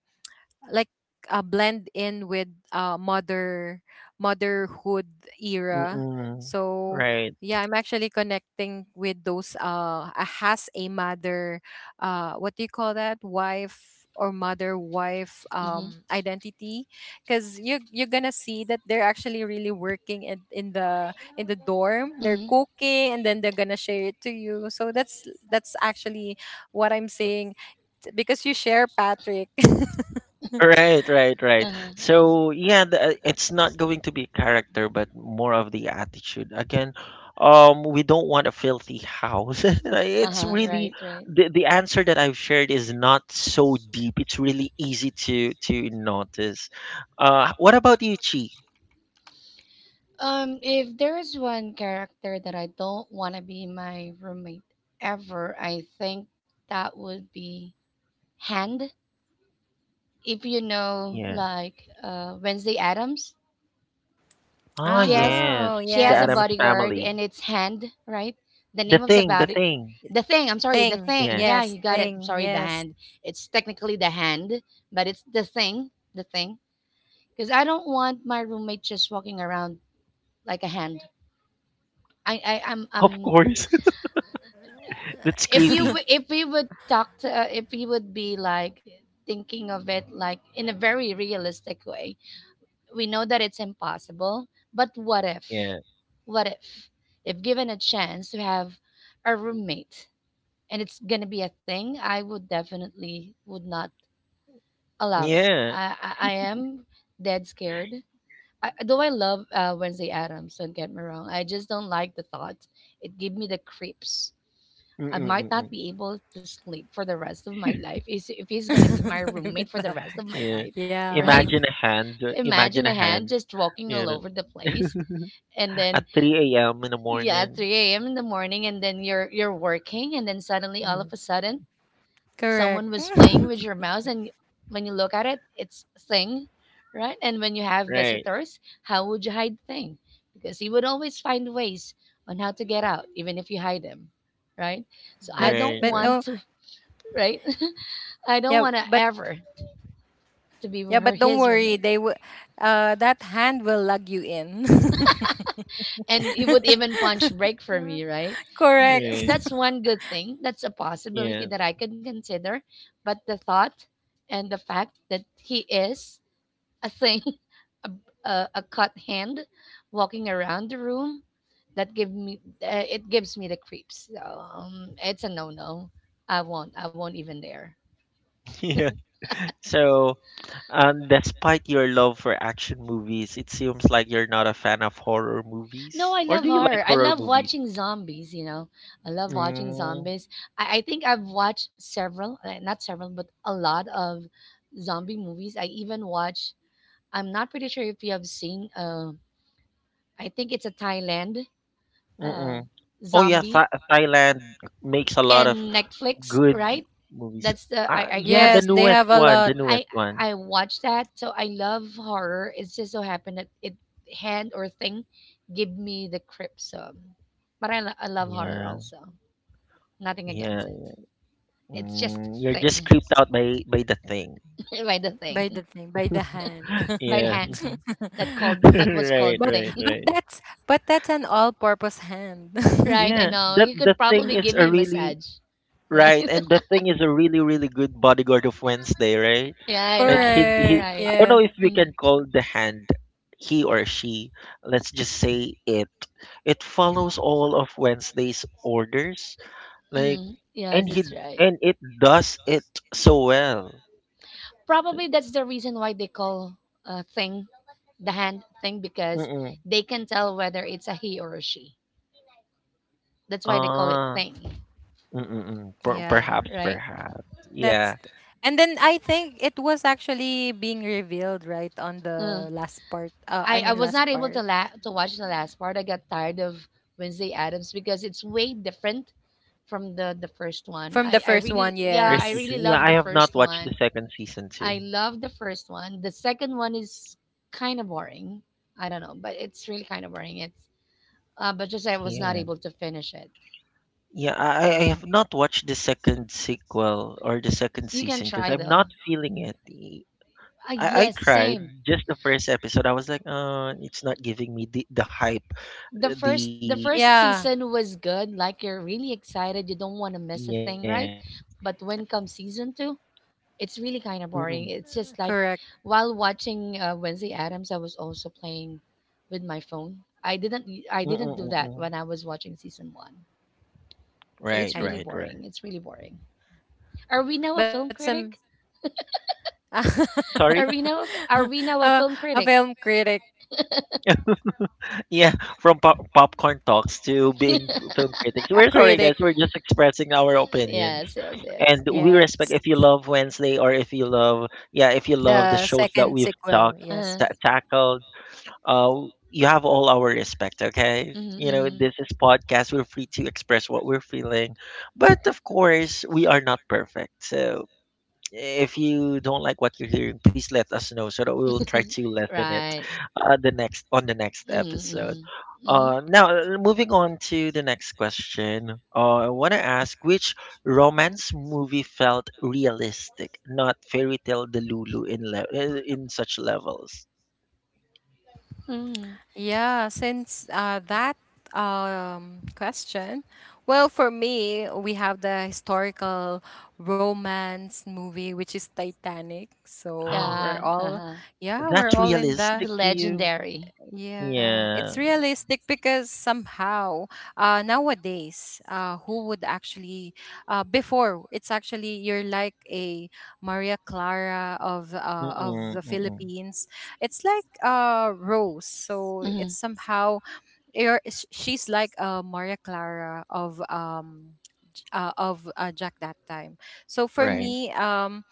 S3: like blend in with, motherhood era.
S1: mm-mm,
S3: So
S1: right.
S3: yeah, I'm actually connecting with those, has a mother, what do you call that, wife or mother wife,
S2: Mhm.
S3: identity. Because you're gonna see that they're actually really working in the dorm. They're
S2: Mm-hmm.
S3: cooking, and then they're gonna share it to you. So that's actually what I'm saying, because you share Patrick. *laughs*
S1: Right, right, right.
S2: Uh-huh, uh-huh.
S1: So yeah, it's not going to be character, but more of the attitude. Again, we don't want a filthy house. *laughs* It's
S2: Uh-huh,
S1: really
S2: right, right.
S1: the answer that I've shared is not so deep. It's really easy to notice. What about you, Chi?
S2: If there is one character that I don't want to be my roommate ever, I think that would be Hand, if
S1: Yeah.
S2: like Wednesday Adams.
S1: Ah,
S2: she has
S1: yes,
S3: Oh,
S2: she
S1: the
S2: has a
S3: yes.
S1: Adams
S2: bodyguard
S1: family.
S2: and it's Hand, right? The
S1: The
S2: name of the
S1: thing, the
S2: body,
S1: thing.
S2: the thing. I'm sorry, the
S3: Thing.
S2: thing.
S1: Yeah,
S2: Yeah,
S3: Yes,
S2: you got it. I'm
S3: thing.
S2: sorry, the
S3: Yes.
S2: hand. It's technically the hand, but it's the thing, the thing. Because I don't want my roommate just walking around like a hand. I I I'm
S1: of
S2: I'm.
S1: course. *laughs* That's
S2: If you
S3: *laughs*
S1: creepy.
S2: w- if we would talk to, if we would be like thinking of it, like in a very realistic way, we know that it's impossible, but what if?
S1: Yeah.
S2: What if? If given a chance to have a roommate and it's going to be a thing, I would definitely would not allow it.
S1: Yeah.
S2: I am dead scared. I, though I love Wednesday Adams, don't get me wrong. I just don't like the thought. It gave me the creeps. I might not
S1: Mm-mm-mm.
S2: be able to sleep for the rest of my life is if he's going to be
S3: If
S2: my roommate
S3: it's
S2: for the
S3: that.
S2: rest of my
S1: Yeah.
S2: life, *laughs*
S3: Yeah.
S2: right?
S1: Imagine
S2: Imagine
S1: a
S2: a hand
S1: hand,
S2: just walking
S1: you
S2: all
S1: know,
S2: over the place,
S1: *laughs*
S2: and
S1: at
S2: then
S1: 3 a.m. in the
S2: yeah,
S1: morning.
S2: 3 a.m. in the morning, and then you're working, and then suddenly all of
S1: Yeah.
S2: a sudden
S3: *laughs*
S2: someone
S3: Correct.
S2: was playing with
S3: *laughs*
S2: your mouse, and when you look at it, it's thing. Right? And when you have
S1: Right,
S2: visitors, how would you hide thing, because he would always find ways on how to get out even if you hide him, right? So I
S3: But
S2: don't
S1: right,
S3: but
S1: right,
S2: want
S3: don't,
S2: to, right? *laughs* I don't
S3: yeah,
S2: want to
S3: but,
S2: ever to be
S3: yeah,
S2: her
S3: but don't
S2: his
S3: worry.
S2: roommate.
S3: They will, that hand will lug you in.
S2: And it would even punch break
S3: *laughs*
S2: for me, right?
S3: Correct.
S2: Th-
S1: right.
S2: That's
S3: *laughs*
S2: one good thing. That's a possibility
S1: Yeah,
S2: that I can consider. But the thought and the fact that he is a thing, *laughs* a, a cut hand walking around the room, that give me it gives me the creeps. So it's a no no. I won't. I won't even dare.
S1: *laughs* yeah. So, despite your love for action movies, it seems like you're not a fan of horror
S2: No,
S1: movies.
S2: I
S1: Or
S2: love
S1: do you like
S2: horror. I
S1: horror
S2: love
S1: movies?
S2: watching zombies. I love watching
S1: Mm,
S2: zombies. I think I've watched several, not several, but a lot of zombie movies. I even watch, I'm not pretty sure if you have seen, I think it's a Thailand uh,
S1: mm-mm. Oh yeah,
S2: zombie
S1: Thailand makes a lot of
S2: in Netflix,
S1: good
S2: right?
S1: movies.
S2: That's the, I, I
S1: Yeah, the
S2: guess,
S3: Yes, they
S1: newest
S3: have a
S1: one,
S3: lot.
S1: the
S2: I
S1: newest one.
S2: I watch that, so I love horror. It's just so happened that it hand or thing give me the creeps. So, but I love horror
S1: Yeah,
S2: also. Nothing
S1: yeah.
S2: against it. It's just
S1: Mm, you're
S2: thing.
S1: just creeped out by the thing.
S2: *laughs* By the
S3: By
S2: thing,
S3: the thing, by the hand.
S1: *laughs*
S2: by the
S3: *laughs*
S1: Yeah.
S2: hand, that
S1: *laughs*
S2: called that was
S1: Right,
S2: called
S3: But,
S2: thing.
S1: right,
S2: *laughs*
S3: but
S1: right.
S3: that's but that's an all-purpose hand.
S2: Right?
S3: *laughs*
S2: I
S1: Yeah,
S2: know
S1: that
S2: you
S1: the
S2: could
S1: thing
S2: probably
S1: is
S2: give
S1: a
S2: me a
S1: really
S2: massage. Right?
S1: right, and the thing is a really, really good bodyguard of Wednesday, right?
S2: *laughs* Yeah.
S1: Like
S2: Right.
S1: he
S3: Correct.
S1: I
S2: Right.
S1: don't know
S3: Yes.
S1: if we
S2: Mm.
S1: can call the hand he or she. Let's just say it. It follows all of Wednesday's orders. Like,
S2: Mm.
S1: and
S2: Yes,
S1: he
S2: that's right.
S1: and it does it so well.
S2: Probably that's the reason why they call a thing the hand thing, because
S1: Mm-mm.
S2: they can tell whether it's a he or a she. That's why they call it
S1: Ah.
S2: thing
S1: Mm-mm.
S3: Yeah.
S2: thing,
S1: Perhaps,
S2: right?
S1: perhaps.
S3: That's
S1: Yeah.
S3: th- and then I think it was actually being revealed right on
S2: Uh,
S3: the last part.
S2: I
S3: I
S2: I
S3: mean
S2: was
S3: last
S2: not able to
S3: part
S2: to watch the last part. I got tired of Wednesday Addams because it's way different from the first one.
S3: from the
S2: I I
S3: first
S2: really
S3: one.
S2: yeah I
S1: First
S2: really
S3: Yes,
S1: season.
S2: love
S1: Yeah,
S2: the
S1: I have
S2: first
S1: not watched
S2: one.
S1: the second season too.
S2: I love the first one. The second one is kind of boring. I don't know, but it's really kind of boring. It's but just I was
S1: Yeah.
S2: not able to finish it.
S1: Yeah, I
S3: I,
S1: have not watched the second sequel or the second
S2: You can
S1: season because
S2: try
S1: I'm
S2: though.
S1: not feeling it. E, I. I
S2: Yes,
S1: tried
S2: same.
S1: just the first episode. I was like, it's not giving me the hype.
S2: The first the
S1: The
S2: first
S3: yeah,
S2: season was good. Like, you're really excited, you don't want to miss a
S1: yeah.
S2: thing, right? But when comes season two, it's really kind of
S1: Mm-mm.
S2: boring. It's just like,
S3: correct.
S2: while watching Wednesday Adams, I was also playing with my phone. I didn't do
S1: Mm-mm-mm-mm.
S2: that when I was watching season one. So
S1: Right,
S2: it's
S1: right,
S2: really
S3: I,
S1: right.
S2: boring. It's really boring. Are we now a
S3: but
S2: film
S3: some.
S2: critic?
S3: *laughs*
S1: Sorry?
S2: Are we now
S3: uh,
S2: a film
S3: a film
S2: critic?
S3: critic,
S2: *laughs*
S1: Yeah, from popcorn talks to being film critics.
S3: a
S1: We're sorry,
S3: critic.
S1: guys. We're just expressing our opinions,
S2: Yes, yes, yes.
S1: and we respect
S3: Yes,
S1: if you love Wednesday, or if you love, yeah, if you love the
S3: the
S1: shows that
S3: second
S1: we've
S3: sequel.
S1: talked,
S3: Yes.
S2: Uh-huh.
S1: ta tackled. You have all our respect. Okay,
S2: Mhm,
S1: you know
S2: mhm.
S1: this is podcast. We're free to express what we're feeling, but of course, we are not perfect. So if you don't like what you're hearing, please let us know so that we will try to
S2: *laughs*
S1: lessen it,
S2: Right.
S1: the next,
S2: Mhm,
S1: episode.
S2: mhm. Hmm.
S1: Now, moving on to the next question. I want to ask which romance movie felt realistic, not fairy tale Delulu in such levels.
S2: Mm.
S3: Yeah, since, that, question, well, for me, we have the historical romance movie, which is Titanic.
S1: *gasps*
S3: So
S2: Yeah.
S3: we're all,
S2: Uh-huh.
S3: yeah,
S1: That's
S3: we're all in
S2: The
S1: realistic
S3: the,
S1: to you?
S2: legendary.
S3: yeah,
S1: Yeah.
S3: it's realistic because somehow, nowadays, who would actually, before, it's actually, you're like a Maria Clara of
S1: Mm-mm,
S3: the
S1: mm-mm.
S3: Philippines. It's like Rose. So
S2: Mm-hmm.
S3: it's somehow you're, she's like, Maria Clara of, of, Jack that time. So for
S2: Mm-hmm.
S1: Right.
S3: me,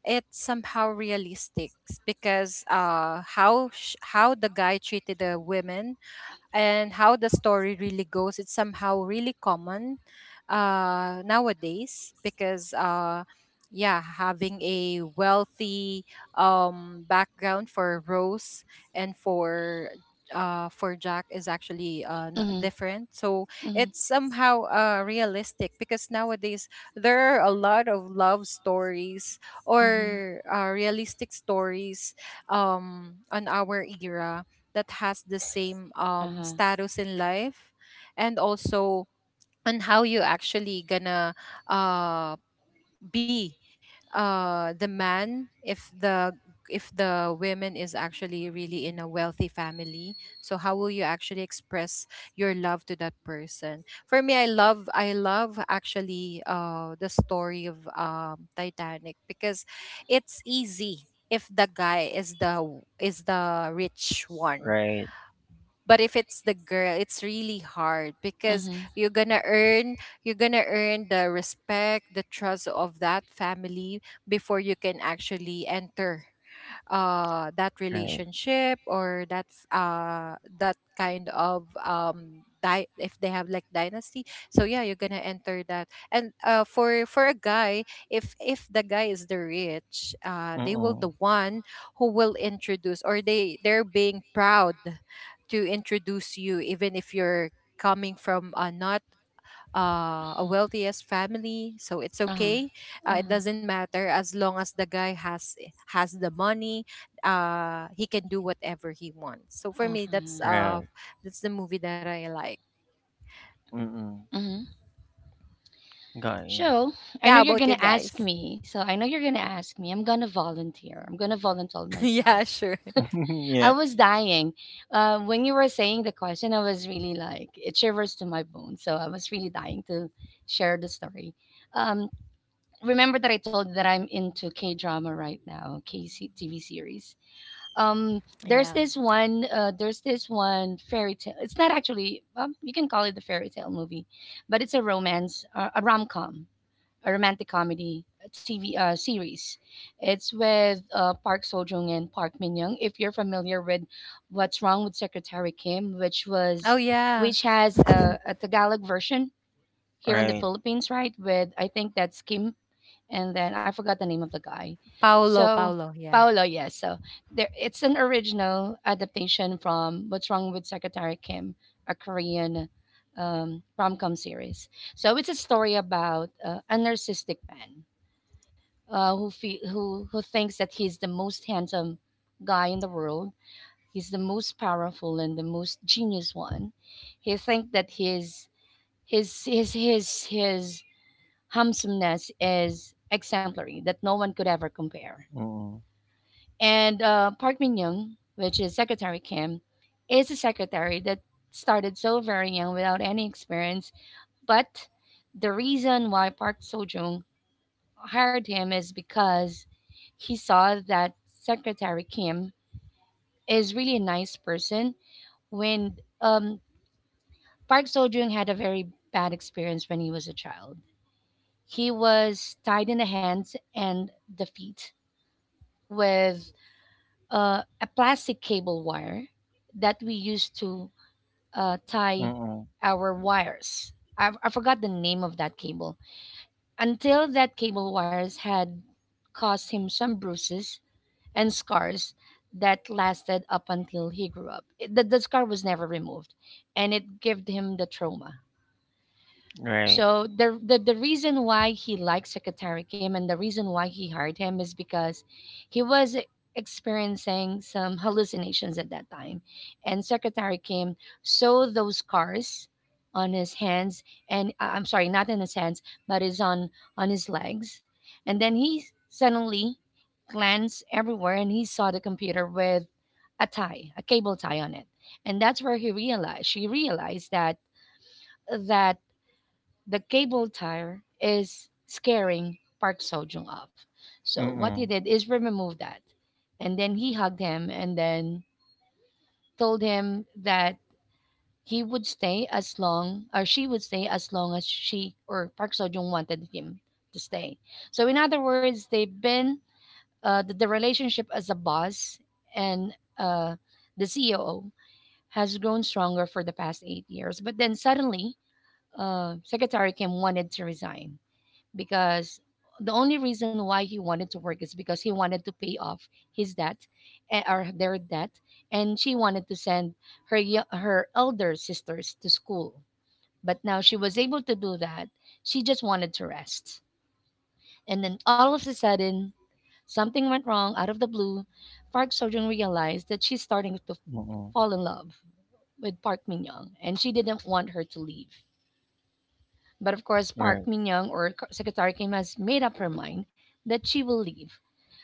S3: it's somehow realistic, because, how the guy treated the women, and how the story really goes. It's somehow really common nowadays because, yeah, having a wealthy, background for Rose, and for, for Jack is actually different. So
S2: Mm-hmm.
S3: it's somehow realistic because nowadays there are a lot of love stories,
S2: Mm-hmm.
S3: or realistic stories, on our era that has the same
S2: Uh-huh.
S3: status in life. And also, on how you actually gonna uh be the man, if the, if the women is actually really in a wealthy family. So how will you actually express your love to that person? For me, I love, I love actually the story of, Titanic, because it's easy if the guy is the, is the rich one.
S1: Right.
S3: But if it's the girl, it's really hard, because
S2: Mm-hmm.
S3: you're gonna earn, you're gonna earn the respect, the trust of that family before you can actually enter, that
S1: Right.
S3: relationship, or that's, that kind of, if they have like dynasty. So yeah, you're gonna enter that. And, for a guy, if the guy is the rich, they will
S1: Mm-mm.
S3: the one who will introduce, or they, they're being proud to introduce you even if you're coming from, not, a wealthiest family. So it's
S2: Uh huh.
S3: okay.
S2: Uh huh.
S3: It doesn't matter as long as the guy has, eh, has the money. He can do whatever he wants. So
S2: Uh
S3: for me,
S2: huh.
S3: that's,
S1: Right.
S3: that's the movie that I like.
S1: Mm-mm.
S2: Mm-hmm.
S1: Got you.
S2: So
S3: Yeah, how about you guys?
S2: So I know you're gonna ask me. I'm gonna volunteer
S3: *laughs* Yeah,
S2: myself.
S3: sure.
S1: *laughs*
S2: I
S1: Yeah.
S2: was dying. When you were saying the question, I was really like, it shivers to my bones. So I was really dying to share the story. Um, Remember that I told you that I'm into K drama right now, K TV series. There's
S3: Yes.
S2: this one. There's this one fairy tale. It's not actually. You can call it the fairy tale movie, but it's a romance, a rom com, a romantic comedy TV series. It's with Park Seo Joong and Park Min Young. If you're familiar with What's Wrong with Secretary Kim, which
S3: Oh
S2: was,
S3: yeah,
S2: which has a Tagalog version here in the
S1: Right.
S2: Philippines, right? With, I think that's Kim, and then I forgot the name of the guy.
S3: Paolo,
S2: So
S3: Paolo. Yeah,
S2: Paolo, yes. So there, it's an original adaptation from What's Wrong with Secretary Kim, a Korean rom-com series. So it's a story about a narcissistic man, who fe- who thinks that he's the most handsome guy in the world. He's the most powerful and the most genius one. He thinks that his handsomeness is exemplary that no one could ever compare.
S1: Mm.
S2: And Park Min Young, which is Secretary Kim, is a secretary that started so very young without any experience. But the reason why Park Seo Joong hired him is because he saw that Secretary Kim is really a nice person. When Park Seo Joong had a very bad experience when he was a child. He was tied in the hands and the feet with a plastic cable wire that we used to tie
S1: Mm.
S2: our wires. I forgot the name of that cable. Until that cable wires had caused him some bruises and scars that lasted up until he grew up. The scar was never removed, and it gave him the trauma.
S1: Mm, mm. Right.
S2: So the reason why he liked Secretary Kim and the reason why he hired him is because he was experiencing some hallucinations at that time, and Secretary Kim saw those scars on his hands and I'm sorry, not in his hands, but is on his legs, and then he suddenly glanced everywhere and he saw the computer with a tie, a cable tie on it, and that's where he realized she realized that that the cable tire is scaring Park Sojung off. So what he
S1: Mm.
S2: did is remove that. And then he hugged him and then told him that he would stay as long or she would stay as long as she or Park Sojung wanted him to stay. So in other words, they've been the relationship as a boss and the CEO has grown stronger for the past 8 years. But then suddenly, Secretary Kim wanted to resign because the only reason why he wanted to work is because he wanted to pay off his debt, or their debt, and she wanted to send her her elder sisters to school, but now she was able to do that. She just wanted to rest, and then all of a sudden something went wrong out of the blue. Park Sojun realized that she's starting to
S1: Mm. Mm, mm.
S2: fall in love with Park Min Young, and she didn't want her to leave. But of course, Park
S1: Right.
S2: Min Young or Secretary Kim has made up her mind that she will leave.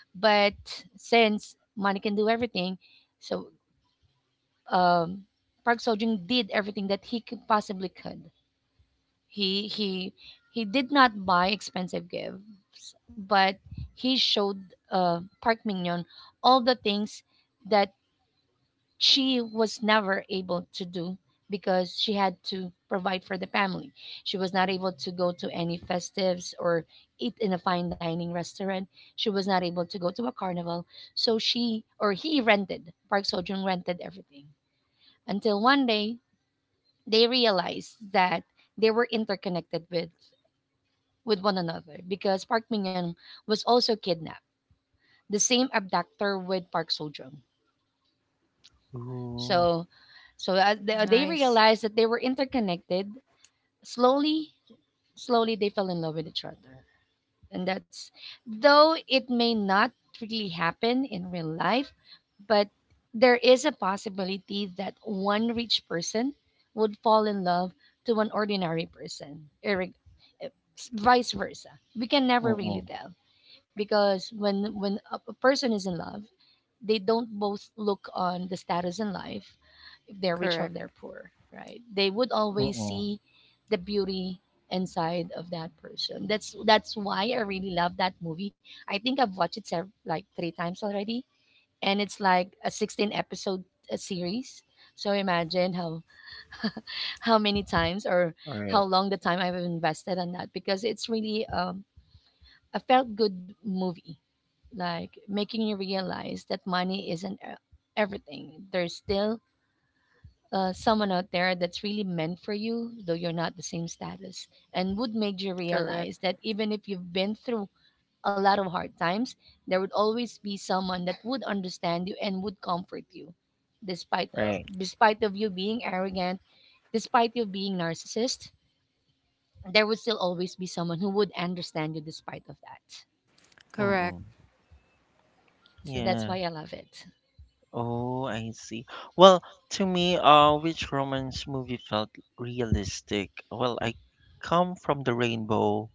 S2: But since money can do everything, so um, Park Sojung did everything that he could possibly could. He he did not buy expensive gifts, but he showed Park Min Young all the things that she was never able to do because she had to provide for the family. She was not able to go to any festives or eat in a fine dining restaurant. She was not able to go to a carnival. So she or he rented, Park Sojung rented everything. Until one day they realized that they were interconnected with one another because Park Min Young was also kidnapped. The same abductor with Park Sojung.
S1: Ooh.
S2: So, so as they
S3: nice.
S2: realized that they were interconnected. Slowly, slowly they fell in love with each other, and that's, though it may not really happen in real life, but there is a possibility that one rich person would fall in love to an ordinary person, vice versa. We can
S1: Mm.
S2: never really
S1: Mm.
S2: tell because when a person is in love, they don't both look on the status in life. If they're rich or
S3: Correct.
S2: they're poor, right, they would
S1: Mm,
S2: always
S1: mm.
S2: see the beauty inside of that person. That's why I really love that movie. I think I've watched it like three times already, and it's like a 16 episode series. So imagine how many times or how
S1: Right.
S2: long the time I've invested on that, because it's really a felt good movie, like making you realize that money isn't everything. There's still someone out there that's really meant for you, though you're not the same status, and would make you
S3: Correct.
S2: realize that even if you've been through a lot of hard times, there would always be someone that would understand you and would comfort you, despite
S1: Right.
S2: despite of you being arrogant, despite you being narcissist. There would still always be someone who would understand you despite of that.
S1: Mm,
S3: Correct.
S1: mm.
S2: So that's
S1: Yeah.
S2: why I love it.
S1: Oh, I see. Well, to me, which romance movie felt realistic? Well, I come from the rainbow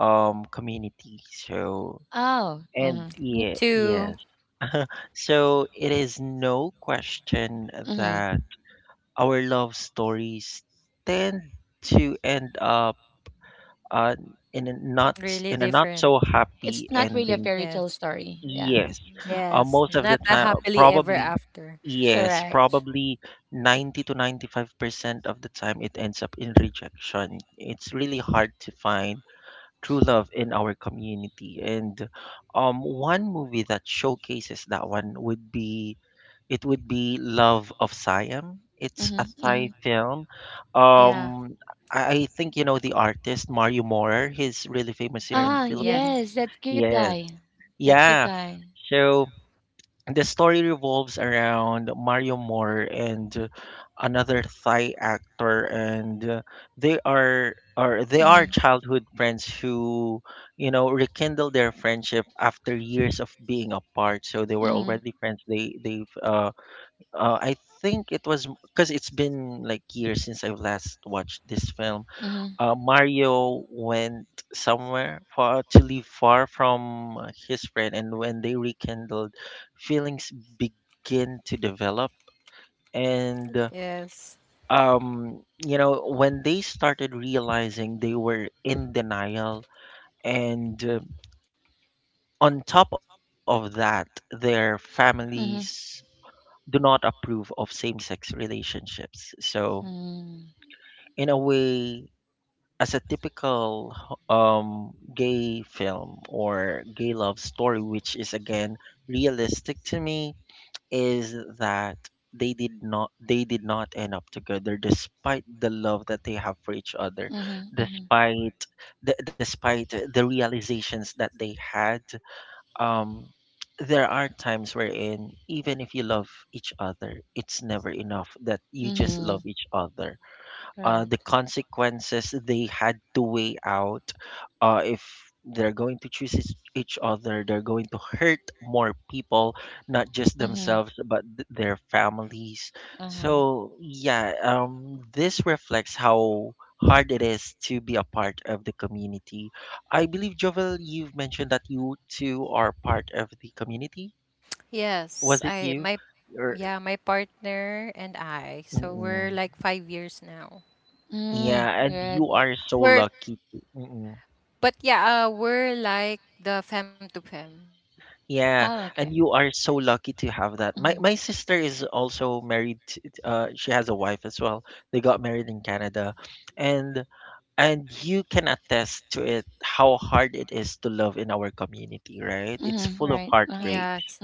S1: community, so,
S2: Oh, mhm.
S1: and
S3: Me
S1: yeah,
S3: too.
S1: yes. *laughs* So it is no question
S2: Mhm.
S1: that our love stories tend to end up, uh, in a not
S3: Really
S1: in a not
S3: different.
S1: so
S2: It's
S1: happy
S2: not really a
S1: ending.
S2: fairy tale
S3: Yes.
S2: story. Yeah.
S1: Yes,
S2: Mm-hmm.
S3: Yes.
S1: most of
S3: Not
S1: the
S3: a
S1: time,
S3: happily ever
S1: probably
S3: after.
S1: yes,
S2: Correct.
S1: probably 90-95% of the time, it ends up in rejection. It's really hard to find true love in our community, and one movie that showcases that one would be Love of Siam. It's
S2: Hmm,
S1: a
S2: hmm.
S1: Thai film.
S3: Yeah.
S1: Um, I think you know the artist Mario Morer. He's really famous here in
S2: Ah,
S1: the
S3: Yes.
S1: Philippines.
S2: yes, that cute
S1: Yes.
S2: guy. That cute
S1: Yeah.
S2: guy.
S1: So the story revolves around Mario Moore and, another Thai actor, and they are or they
S2: Hmm.
S1: are childhood friends who, rekindle their friendship after years of being apart. So they were
S2: Mm-hmm.
S1: already friends. They they've I think it was because it's been like years since I've last watched this film.
S2: Mm-hmm.
S1: Mario went somewhere far, to live far from, his friend, and when they rekindled, feelings begin to develop. And
S3: Yes.
S1: when they started realizing they were in denial, and on top of that, their families do not approve of same-sex relationships. So
S2: Mm-hmm.
S1: in a way, as a typical gay film or gay love story, which is again realistic to me, is that they did not end up together despite the love that they have for each other, despite the realizations that they had, um there are times wherein even if you love each other, it's never enough that you just love each other. The consequences they had to weigh out, if they're going to choose each other, they're going to hurt more people, not just themselves, but their families. So yeah, this reflects how hard it is to be a part of the community. I believe, Jovel, you've mentioned that you too are part of the community. Was
S3: Yes,
S1: it
S3: I,
S1: you,
S3: my.
S1: or
S3: Yeah, my partner and I. So we're
S1: mm,
S3: like 5 years now.
S2: Mm,
S1: yeah, and
S2: good.
S1: you are so
S3: We're.
S1: lucky. Mm.
S3: But yeah, we're like the fem to fem.
S1: Yeah,
S2: Oh, okay.
S1: and you are so lucky to have that. My sister is also married. She has a wife as well. They got married in Canada, and you can attest to it how hard it is to love in our community, right? It's full of heartbreak.
S3: Yes,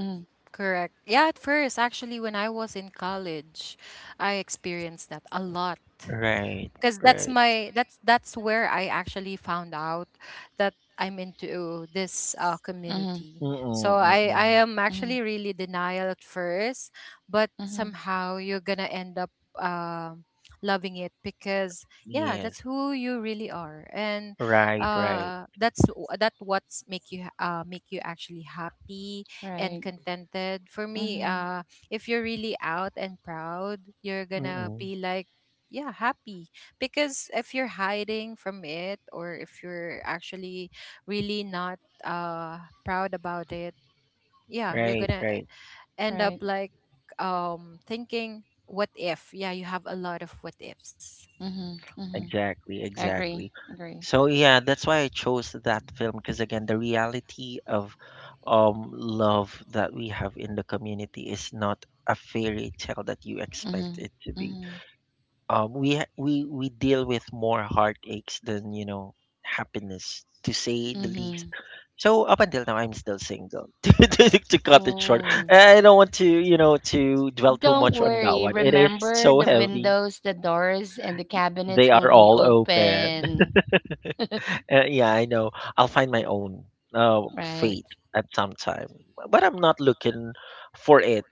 S3: correct. Yeah, at first, actually, when I was in college, I experienced that a lot,
S1: Right,
S3: because that's
S1: right.
S3: my, that's where I actually found out that I'm into this, community.
S1: Mm-mm,
S3: So I
S1: mm-mm.
S3: am
S2: Mhm.
S3: actually really denial at first, but
S2: Mhm.
S3: somehow you're gonna end up loving it, because yeah, that's
S1: Yes,
S3: who you really are, and,
S1: right, right.
S3: that what's make you ha-, make you actually happy and
S2: Right.
S3: contented. For me,
S2: Mhm.
S3: if you're really out and proud, you're gonna
S1: Mm-mm.
S3: be like, yeah, happy. Because if you're hiding from it, or if you're actually really not proud about it, yeah, you're
S1: Right,
S3: gonna
S1: right.
S3: end up
S2: Right.
S3: like, thinking what if. Yeah, you have a lot of what ifs.
S2: Mhm. Mhm.
S1: Exactly,
S2: I agree.
S1: exactly.
S2: Agree.
S1: So yeah, that's why I chose that film because again, the reality of love that we have in the community is not a fairy tale that you
S2: Mhm.
S1: expect it to be.
S2: Mhm.
S1: We ha- we deal with more heartaches than, happiness, to say the least.
S2: Mm-hmm.
S1: So up until now, I'm still single. *laughs* To cut it short,
S2: Oh.
S1: I don't want to you know to dwell too
S2: Don't
S1: much on that
S2: worry.
S1: one. It is
S2: Remember,
S1: so
S2: the
S1: heavy.
S2: windows, the doors, and the
S1: They
S2: cabinets will
S1: are
S2: be
S1: all open.
S2: open.
S1: Yeah, I know. I'll find my own,
S2: Right.
S1: fate at some time, but I'm not looking for it.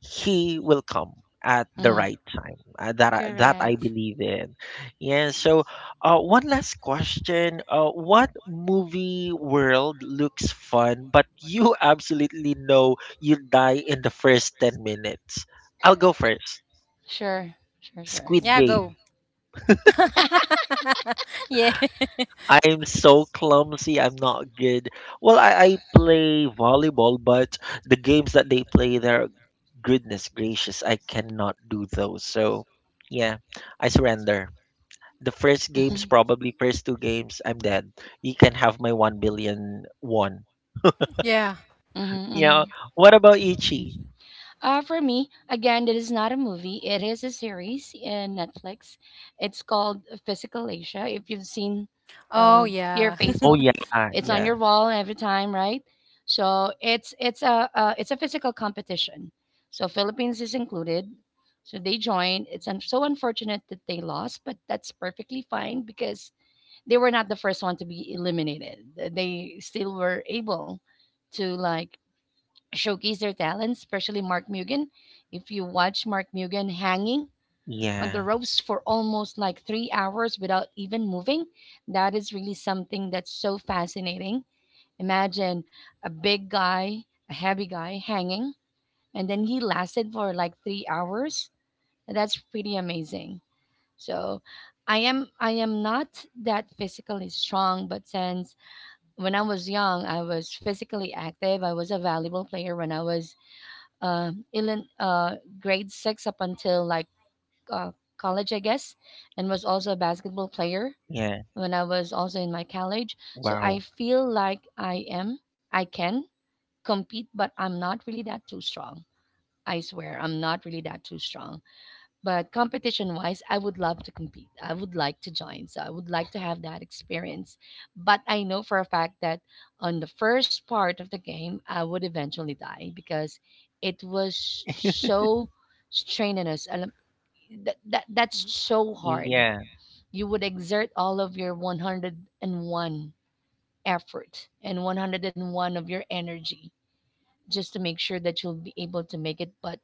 S1: He will come at the
S2: Mm-hmm.
S1: right time. That I
S2: Correct.
S1: believe in. Yeah. So, one last question. What movie world looks fun, but you *laughs* absolutely know you die in the first 10 minutes? I'll go first.
S2: Sure. Sure, sure.
S1: Squid
S3: Yeah,
S1: Game.
S3: go. *laughs* Yeah.
S1: I'm so clumsy. I'm not good. Well, I play volleyball, but the games that they play there, goodness gracious, I cannot do those. So yeah, I surrender. The first games, probably first two games, I'm dead. You can have my 1 billion won.
S3: Yeah.
S2: *laughs* Mhm.
S1: Yeah.
S2: Mhm.
S1: What about Ichi?
S2: For me, again, it is not a movie. It is a series in Netflix. It's called Physical Asia. If you've seen
S3: Oh
S2: uh, your
S3: yeah.
S1: Oh
S2: Facebook,
S1: yeah,
S3: *laughs*
S2: it's on
S1: yeah,
S2: your wall every time, right? So it's a physical competition. So Philippines is included. So they joined. It's so unfortunate that they lost, but that's perfectly fine because they were not the first one to be eliminated. They still were able to like showcase their talents, especially Mark Mugen. If you watch Mark Mugen hanging on the
S1: yeah,
S2: ropes for almost like 3 hours without even moving, that is really something that's so fascinating. Imagine a big guy, a heavy guy hanging, and then he lasted for like 3 hours. That's pretty amazing. So I am not that physically strong, but since when I was young, I was physically active. I was a volleyball player when I was grade six up until like uh, college, I guess, and was also a
S1: yeah.
S2: basketball player when I was also in my
S1: Wow.
S2: college. So I feel like I am, I can compete, but I'm not really that too strong. I swear, I'm not really that too strong. But competition wise, I would love to compete. I would like to join. So I would like to have that experience. But I know for a fact that on the first part of the game, I would eventually die because it was so strenuous. That's so hard.
S1: Yeah.
S2: You would exert all of your 101 effort and 101 of your energy just to make sure that you'll be able to make it. But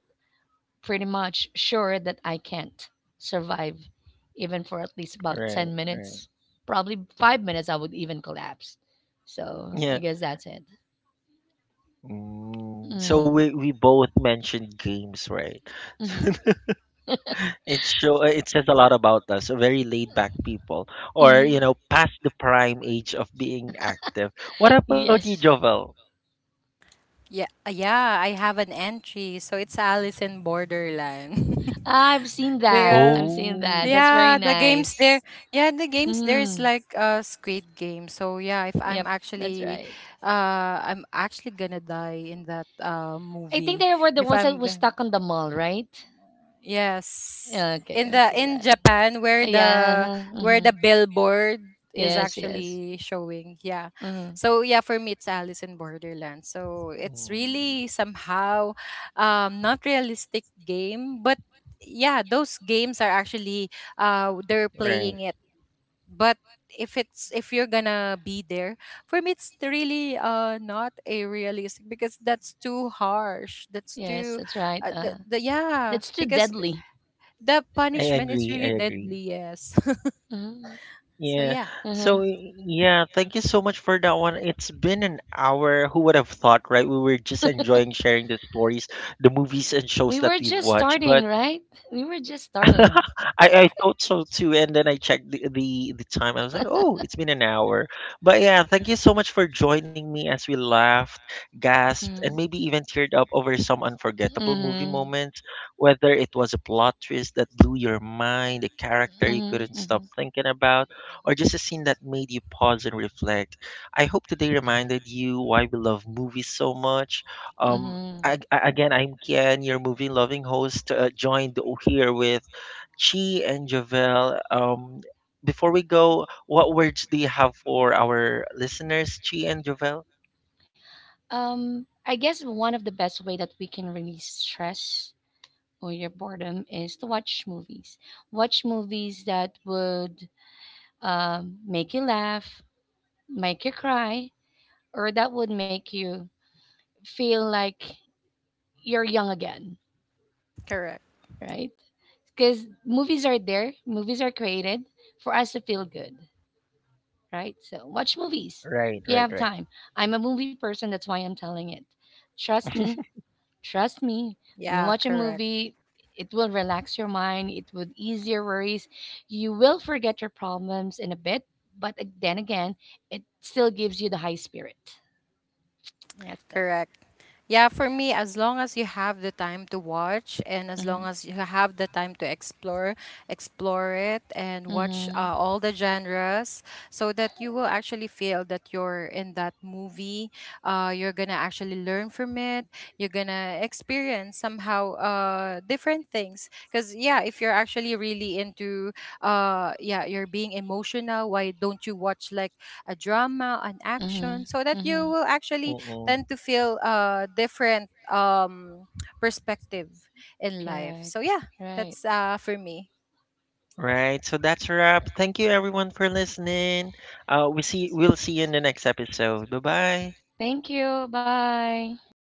S2: pretty much sure that I can't survive even for at least about
S1: Right.
S2: 10
S1: Right.
S2: minutes. Probably 5 minutes, I would even collapse. So I
S1: Yeah.
S2: guess that's it.
S1: Mm, so
S2: Mm.
S1: we both mentioned games, right?
S2: Hmm,
S1: *laughs* It says a lot about us very laid back people, or
S2: hmm. *laughs*
S1: past the prime age of being active. What about you,
S2: Yes.
S1: Jovel?
S3: Yeah. Yeah, I have an entry, so it's Alice in Borderland.
S2: I've seen
S3: *laughs*
S2: that.
S3: Because,
S2: I've seen that.
S1: Oh.
S2: That's very
S3: yeah, the games
S2: nice.
S3: there. Yeah, the games there is
S2: Mm.
S3: like a Squid Game. So yeah, if I'm
S2: Yep, that's
S3: actually,
S2: right.
S3: I'm actually gonna die in that
S2: I think
S3: movie.
S2: they were the
S3: If
S2: ones that
S3: I'm
S2: was
S3: gonna.
S2: stuck on the mall, right?
S3: Yes.
S2: Yeah, okay,
S3: In
S2: I
S3: the,
S2: see
S3: in
S2: that.
S3: Japan, where the,
S2: Yeah.
S3: where
S2: Hmm.
S3: the billboard is
S2: Yes, yes.
S3: actually showing. Yeah.
S2: Hmm.
S3: So yeah, for me it's Alice in Borderland. So it's
S1: Mm,
S3: really somehow, not realistic game, but yeah, those games are actually they're
S1: right.
S3: playing it. But if it's, if you're gonna be there, for me it's really not a realistic, because that's too harsh. That's
S2: Yes,
S3: too,
S2: that's right.
S3: the yeah,
S2: That's too
S3: because
S2: deadly.
S3: the
S1: I
S3: punishment is
S1: agree,
S3: really
S1: I agree.
S3: deadly, yes. *laughs*
S2: Hmm.
S3: So
S1: Yeah.
S3: yeah,
S1: So
S2: *laughs*
S1: yeah, thank you so much for that one. It's been an hour. Who would have thought, right? We were just enjoying sharing the stories, the movies and
S2: *laughs*
S1: shows that we've
S2: Just,
S1: watched. But
S2: right? We were just starting.
S1: *laughs* I thought so too, and then I checked the, the time. I was like, oh, it's been an hour. But yeah, thank you so much for joining me as we laughed, gasped, and maybe even teared up over some unforgettable movie moments. Whether it was a plot twist that blew your mind, a character you couldn't stop
S2: Mm-hmm.
S1: thinking about, or just a scene that made you pause and reflect. I hope today reminded you why we love movies so much. Um,
S2: Mm-hmm.
S1: Again, I'm Kian, your movie loving host, joined here with Chi and Javel. Before we go, what words do you have for our listeners, Chi and Javel?
S2: I guess one of the best way that we can release stress or your boredom is to watch movies. Watch movies that would make you laugh, make you cry, or that would make you feel like you're young again,
S3: correct.
S2: right? Because movies are there, movies are created for us to feel good, right? So watch movies
S1: Right,
S2: if you
S1: right,
S2: have
S1: right.
S2: time. I'm a movie person, that's why I'm telling it. Trust me, trust me, when you
S3: Yeah,
S2: watch a
S3: correct.
S2: movie, it will relax your mind, it would ease your worries. You will forget your problems in a bit, but then again, it still gives you the high spirit. That's it.
S3: Correct. Yeah, for me, as long as you have the time to watch, and as
S2: Hmm,
S3: long as you have the time to explore, explore it, and watch
S2: hmm.
S3: all the genres, so that you will actually feel that you're in that movie. You're going to actually learn from it. You're going to experience somehow different things. Because, yeah, if you're actually really into, yeah, you're being emotional, why don't you watch like a drama, an
S2: Mm-hmm.
S3: action, so that you
S2: Mm-hmm.
S3: will actually
S1: Mm-mm.
S3: tend to feel different, perspective in life. So
S2: Correct.
S3: yeah,
S2: Right.
S3: that's for me.
S1: Right. So that's a wrap. Thank you, everyone, for listening. We'll see you in the next episode. Bye bye.
S2: Thank you. Bye.